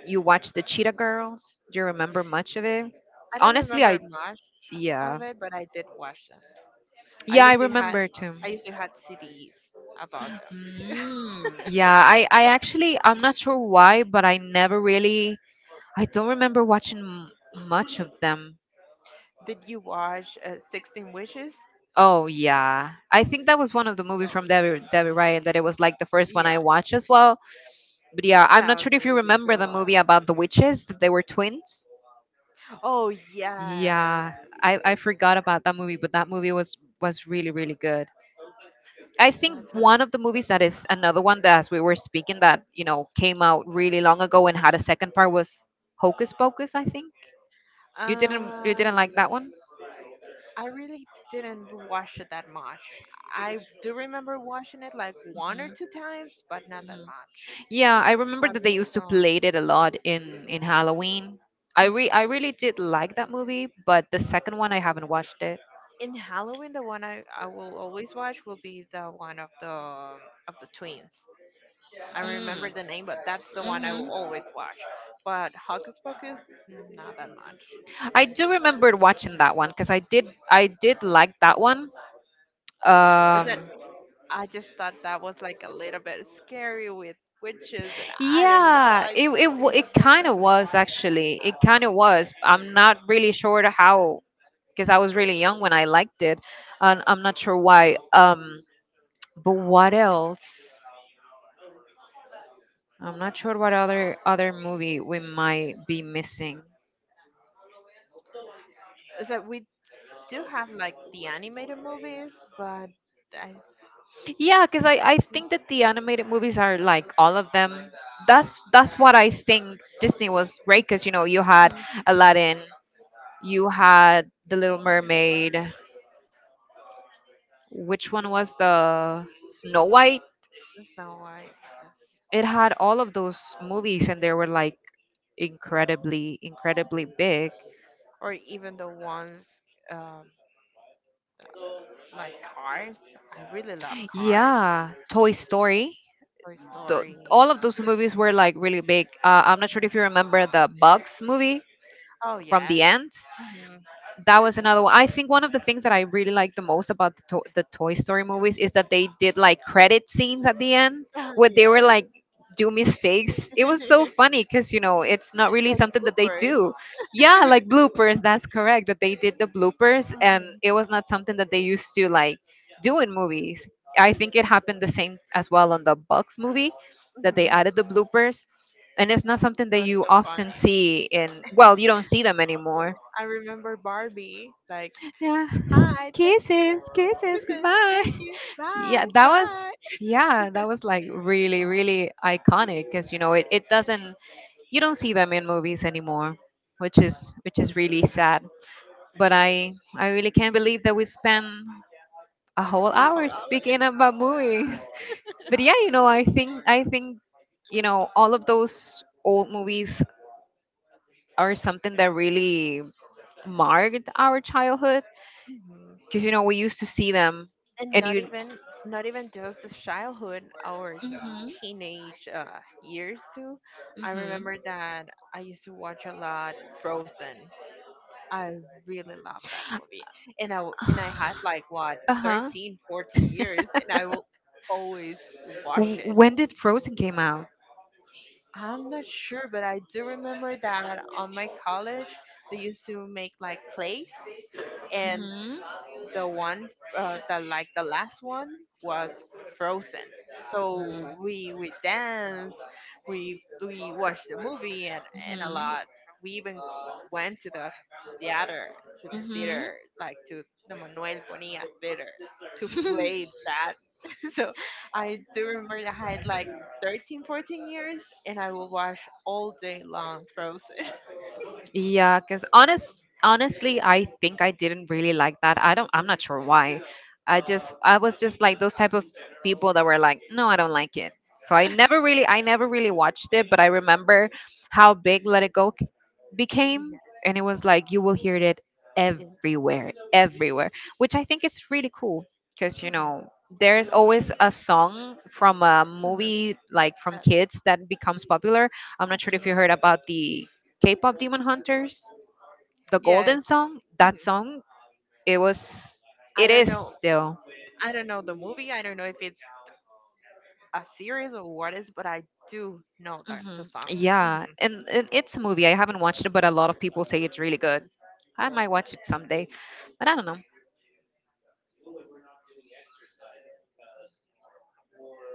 Speaker 2: you watch the Cheetah Girls. Do you remember much of it?
Speaker 1: I don't
Speaker 2: Honestly, I,
Speaker 1: remember much
Speaker 2: yeah.
Speaker 1: of it, but I did watch them. I
Speaker 2: Yeah, I
Speaker 1: used to had
Speaker 2: remember too.
Speaker 1: I used to had CDs about them too.
Speaker 2: Mm, yeah, I actually, I'm not sure why, but I never really, I don't remember watching much of them.
Speaker 1: Did you watch 16 Witches?
Speaker 2: Oh, yeah. I think that was one of the movies from Debbie Ryan that it was like the first one I
Speaker 1: Yes,
Speaker 2: watched as well. But yeah, I'm
Speaker 1: that
Speaker 2: not
Speaker 1: was
Speaker 2: sure if
Speaker 1: a
Speaker 2: you
Speaker 1: really
Speaker 2: remember
Speaker 1: good
Speaker 2: the
Speaker 1: one.
Speaker 2: movie about the witches, that they were twins.
Speaker 1: Oh yes,
Speaker 2: Yeah, I forgot about that movie, but that movie was really, really good. I think
Speaker 1: that's a.
Speaker 2: one of the movies that is another one that, as we were speaking, that, you know, came out really long ago and had a second part was Hocus Pocus. I think
Speaker 1: Uh,
Speaker 2: you didn't like that one.
Speaker 1: I really didn't watch it that much. I do remember watching it like one or
Speaker 2: Mhm,
Speaker 1: two times, but not that
Speaker 2: mhm.
Speaker 1: much.
Speaker 2: Yeah, I remember that they used
Speaker 1: So
Speaker 2: to
Speaker 1: um,
Speaker 2: play it a lot in Halloween. I really did like that movie, but the second one I haven't watched it.
Speaker 1: in Halloween, the one I will always watch will be the one of the twins. I remember
Speaker 2: Mm,
Speaker 1: the name, but that's the one I will
Speaker 2: mhm.
Speaker 1: always watch. But Hocus Pocus, not that much.
Speaker 2: I do remember watching that one because I did like that one.
Speaker 1: Is that
Speaker 2: Um,
Speaker 1: I just thought that was like a little bit scary with witches, and I don't know.
Speaker 2: Yeah,
Speaker 1: I
Speaker 2: it it kind of was actually. It kind of was. I'm not really sure to how, because I was really young when I liked it, and I'm not sure why. But what else? I'm not sure what other movie we might be missing.
Speaker 1: is that we do have like the animated movies, but I
Speaker 2: Yeah, because I think that the animated movies are like all of them. That's what I think Disney was great, because, you know, you had Aladdin, you had The Little Mermaid, which one was the Snow White?
Speaker 1: that's not why. Yes.
Speaker 2: It had all of those movies, and they were like incredibly, incredibly big.
Speaker 1: Or even the ones um, like Cars. I really love Cars.
Speaker 2: Yeah, Toy Story.
Speaker 1: Toy
Speaker 2: Tho-
Speaker 1: Story.
Speaker 2: all of those movies were like really big. I'm not sure
Speaker 1: Mhm.
Speaker 2: if you remember the Bugs movie
Speaker 1: Oh
Speaker 2: from the
Speaker 1: yes.
Speaker 2: end.
Speaker 1: hmm
Speaker 2: That was another one. I think one of the things that I really like the most about the Toy Story movies is that they did like credit scenes at the end where they were
Speaker 1: yes.
Speaker 2: like do mistakes. It was so funny because, you know, it's not really
Speaker 1: Like
Speaker 2: something that they
Speaker 1: bloopers.
Speaker 2: do. Yeah, like bloopers. That's correct. That they did the bloopers, and it was not something that they used to like do in movies. I think it happened the same as well on the Bucks movie that they
Speaker 1: Hmm It
Speaker 2: added the bloopers, and it's not something that
Speaker 1: was
Speaker 2: you
Speaker 1: so
Speaker 2: often
Speaker 1: funny.
Speaker 2: see in. Well, you don't see them anymore,
Speaker 1: I remember Barbie. Like,
Speaker 2: yeah.
Speaker 1: hi, thank you.
Speaker 2: Kisses, kisses,
Speaker 1: Listen,
Speaker 2: goodbye.
Speaker 1: thank you. Bye,
Speaker 2: Yeah, that was,
Speaker 1: bye.
Speaker 2: yeah, that was like really, really iconic, because, you know, it doesn't, you don't see them in movies anymore, which is, which is really sad. But I really can't believe that we spent a whole
Speaker 1: Oh,
Speaker 2: hour
Speaker 1: wow.
Speaker 2: speaking about movies. But yeah, you know, I think, you know, all of those old movies are something that really marked our childhood,
Speaker 1: hmm
Speaker 2: because, you know, we used to see them,
Speaker 1: And
Speaker 2: and
Speaker 1: not
Speaker 2: you.
Speaker 1: even, not even just the childhood, our
Speaker 2: Mhm.
Speaker 1: teenage years too. I
Speaker 2: Mhm.
Speaker 1: remember that I used to watch a lot Frozen. I really love that movie. And I had like what
Speaker 2: Uh huh.
Speaker 1: 13, 14 years and I will always watch it.
Speaker 2: when did Frozen came out?
Speaker 1: I'm not sure, but I do remember that on my college they used to make like plays and
Speaker 2: Mhm.
Speaker 1: the one the like the last one was Frozen. So
Speaker 2: Mhm.
Speaker 1: we danced, we watched the movie and a lot. We even went theater to
Speaker 2: Mhm.
Speaker 1: the
Speaker 2: Mhm.
Speaker 1: theater like to the Manuel Bonilla theater to play that. So I do remember that I had like 13, 14 years and I will watch all day long Frozen.
Speaker 2: yeah, because honestly, I think I didn't really like that. I don't. I'm not sure why. I was just like those type of people that were like, no, I don't like it. So I never really watched it. But I remember how big Let It Go
Speaker 1: Yeah,
Speaker 2: became, and it was like you will hear it
Speaker 1: yeah.
Speaker 2: everywhere, which I think is really cool, because, you
Speaker 1: Mhm,
Speaker 2: know, there's always a song from a
Speaker 1: mhm,
Speaker 2: movie, like from
Speaker 1: that-
Speaker 2: kids, that becomes popular. I'm not sure if you
Speaker 1: mhm.
Speaker 2: heard about the K-pop demon hunters. The
Speaker 1: Yes,
Speaker 2: golden song, that song, it was,
Speaker 1: I
Speaker 2: it
Speaker 1: don't
Speaker 2: is
Speaker 1: know.
Speaker 2: still.
Speaker 1: I don't know the movie. I don't know if it's a series or what is, but I do know
Speaker 2: Hmm
Speaker 1: the song. Hmm
Speaker 2: yeah, and it's a movie, I haven't watched it, but a lot of people say it's really good. I might watch it someday, but I don't know.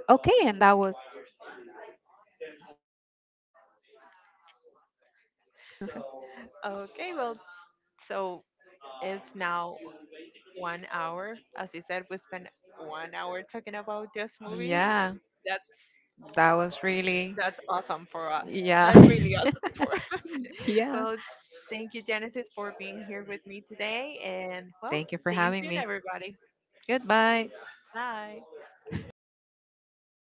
Speaker 2: Okay, and that was,
Speaker 1: Okay, well, so it's now one hour. As you said, we spent one hour talking about just movies.
Speaker 2: yeah,
Speaker 1: That's
Speaker 2: that was really,
Speaker 1: that's awesome for us.
Speaker 2: yeah.
Speaker 1: That's really awesome for us.
Speaker 2: yeah.
Speaker 1: Well, thank you, Genesis, for being here with me today, and well,
Speaker 2: Thank you for
Speaker 1: see you
Speaker 2: having
Speaker 1: soon,
Speaker 2: me.
Speaker 1: everybody.
Speaker 2: Goodbye.
Speaker 1: Bye.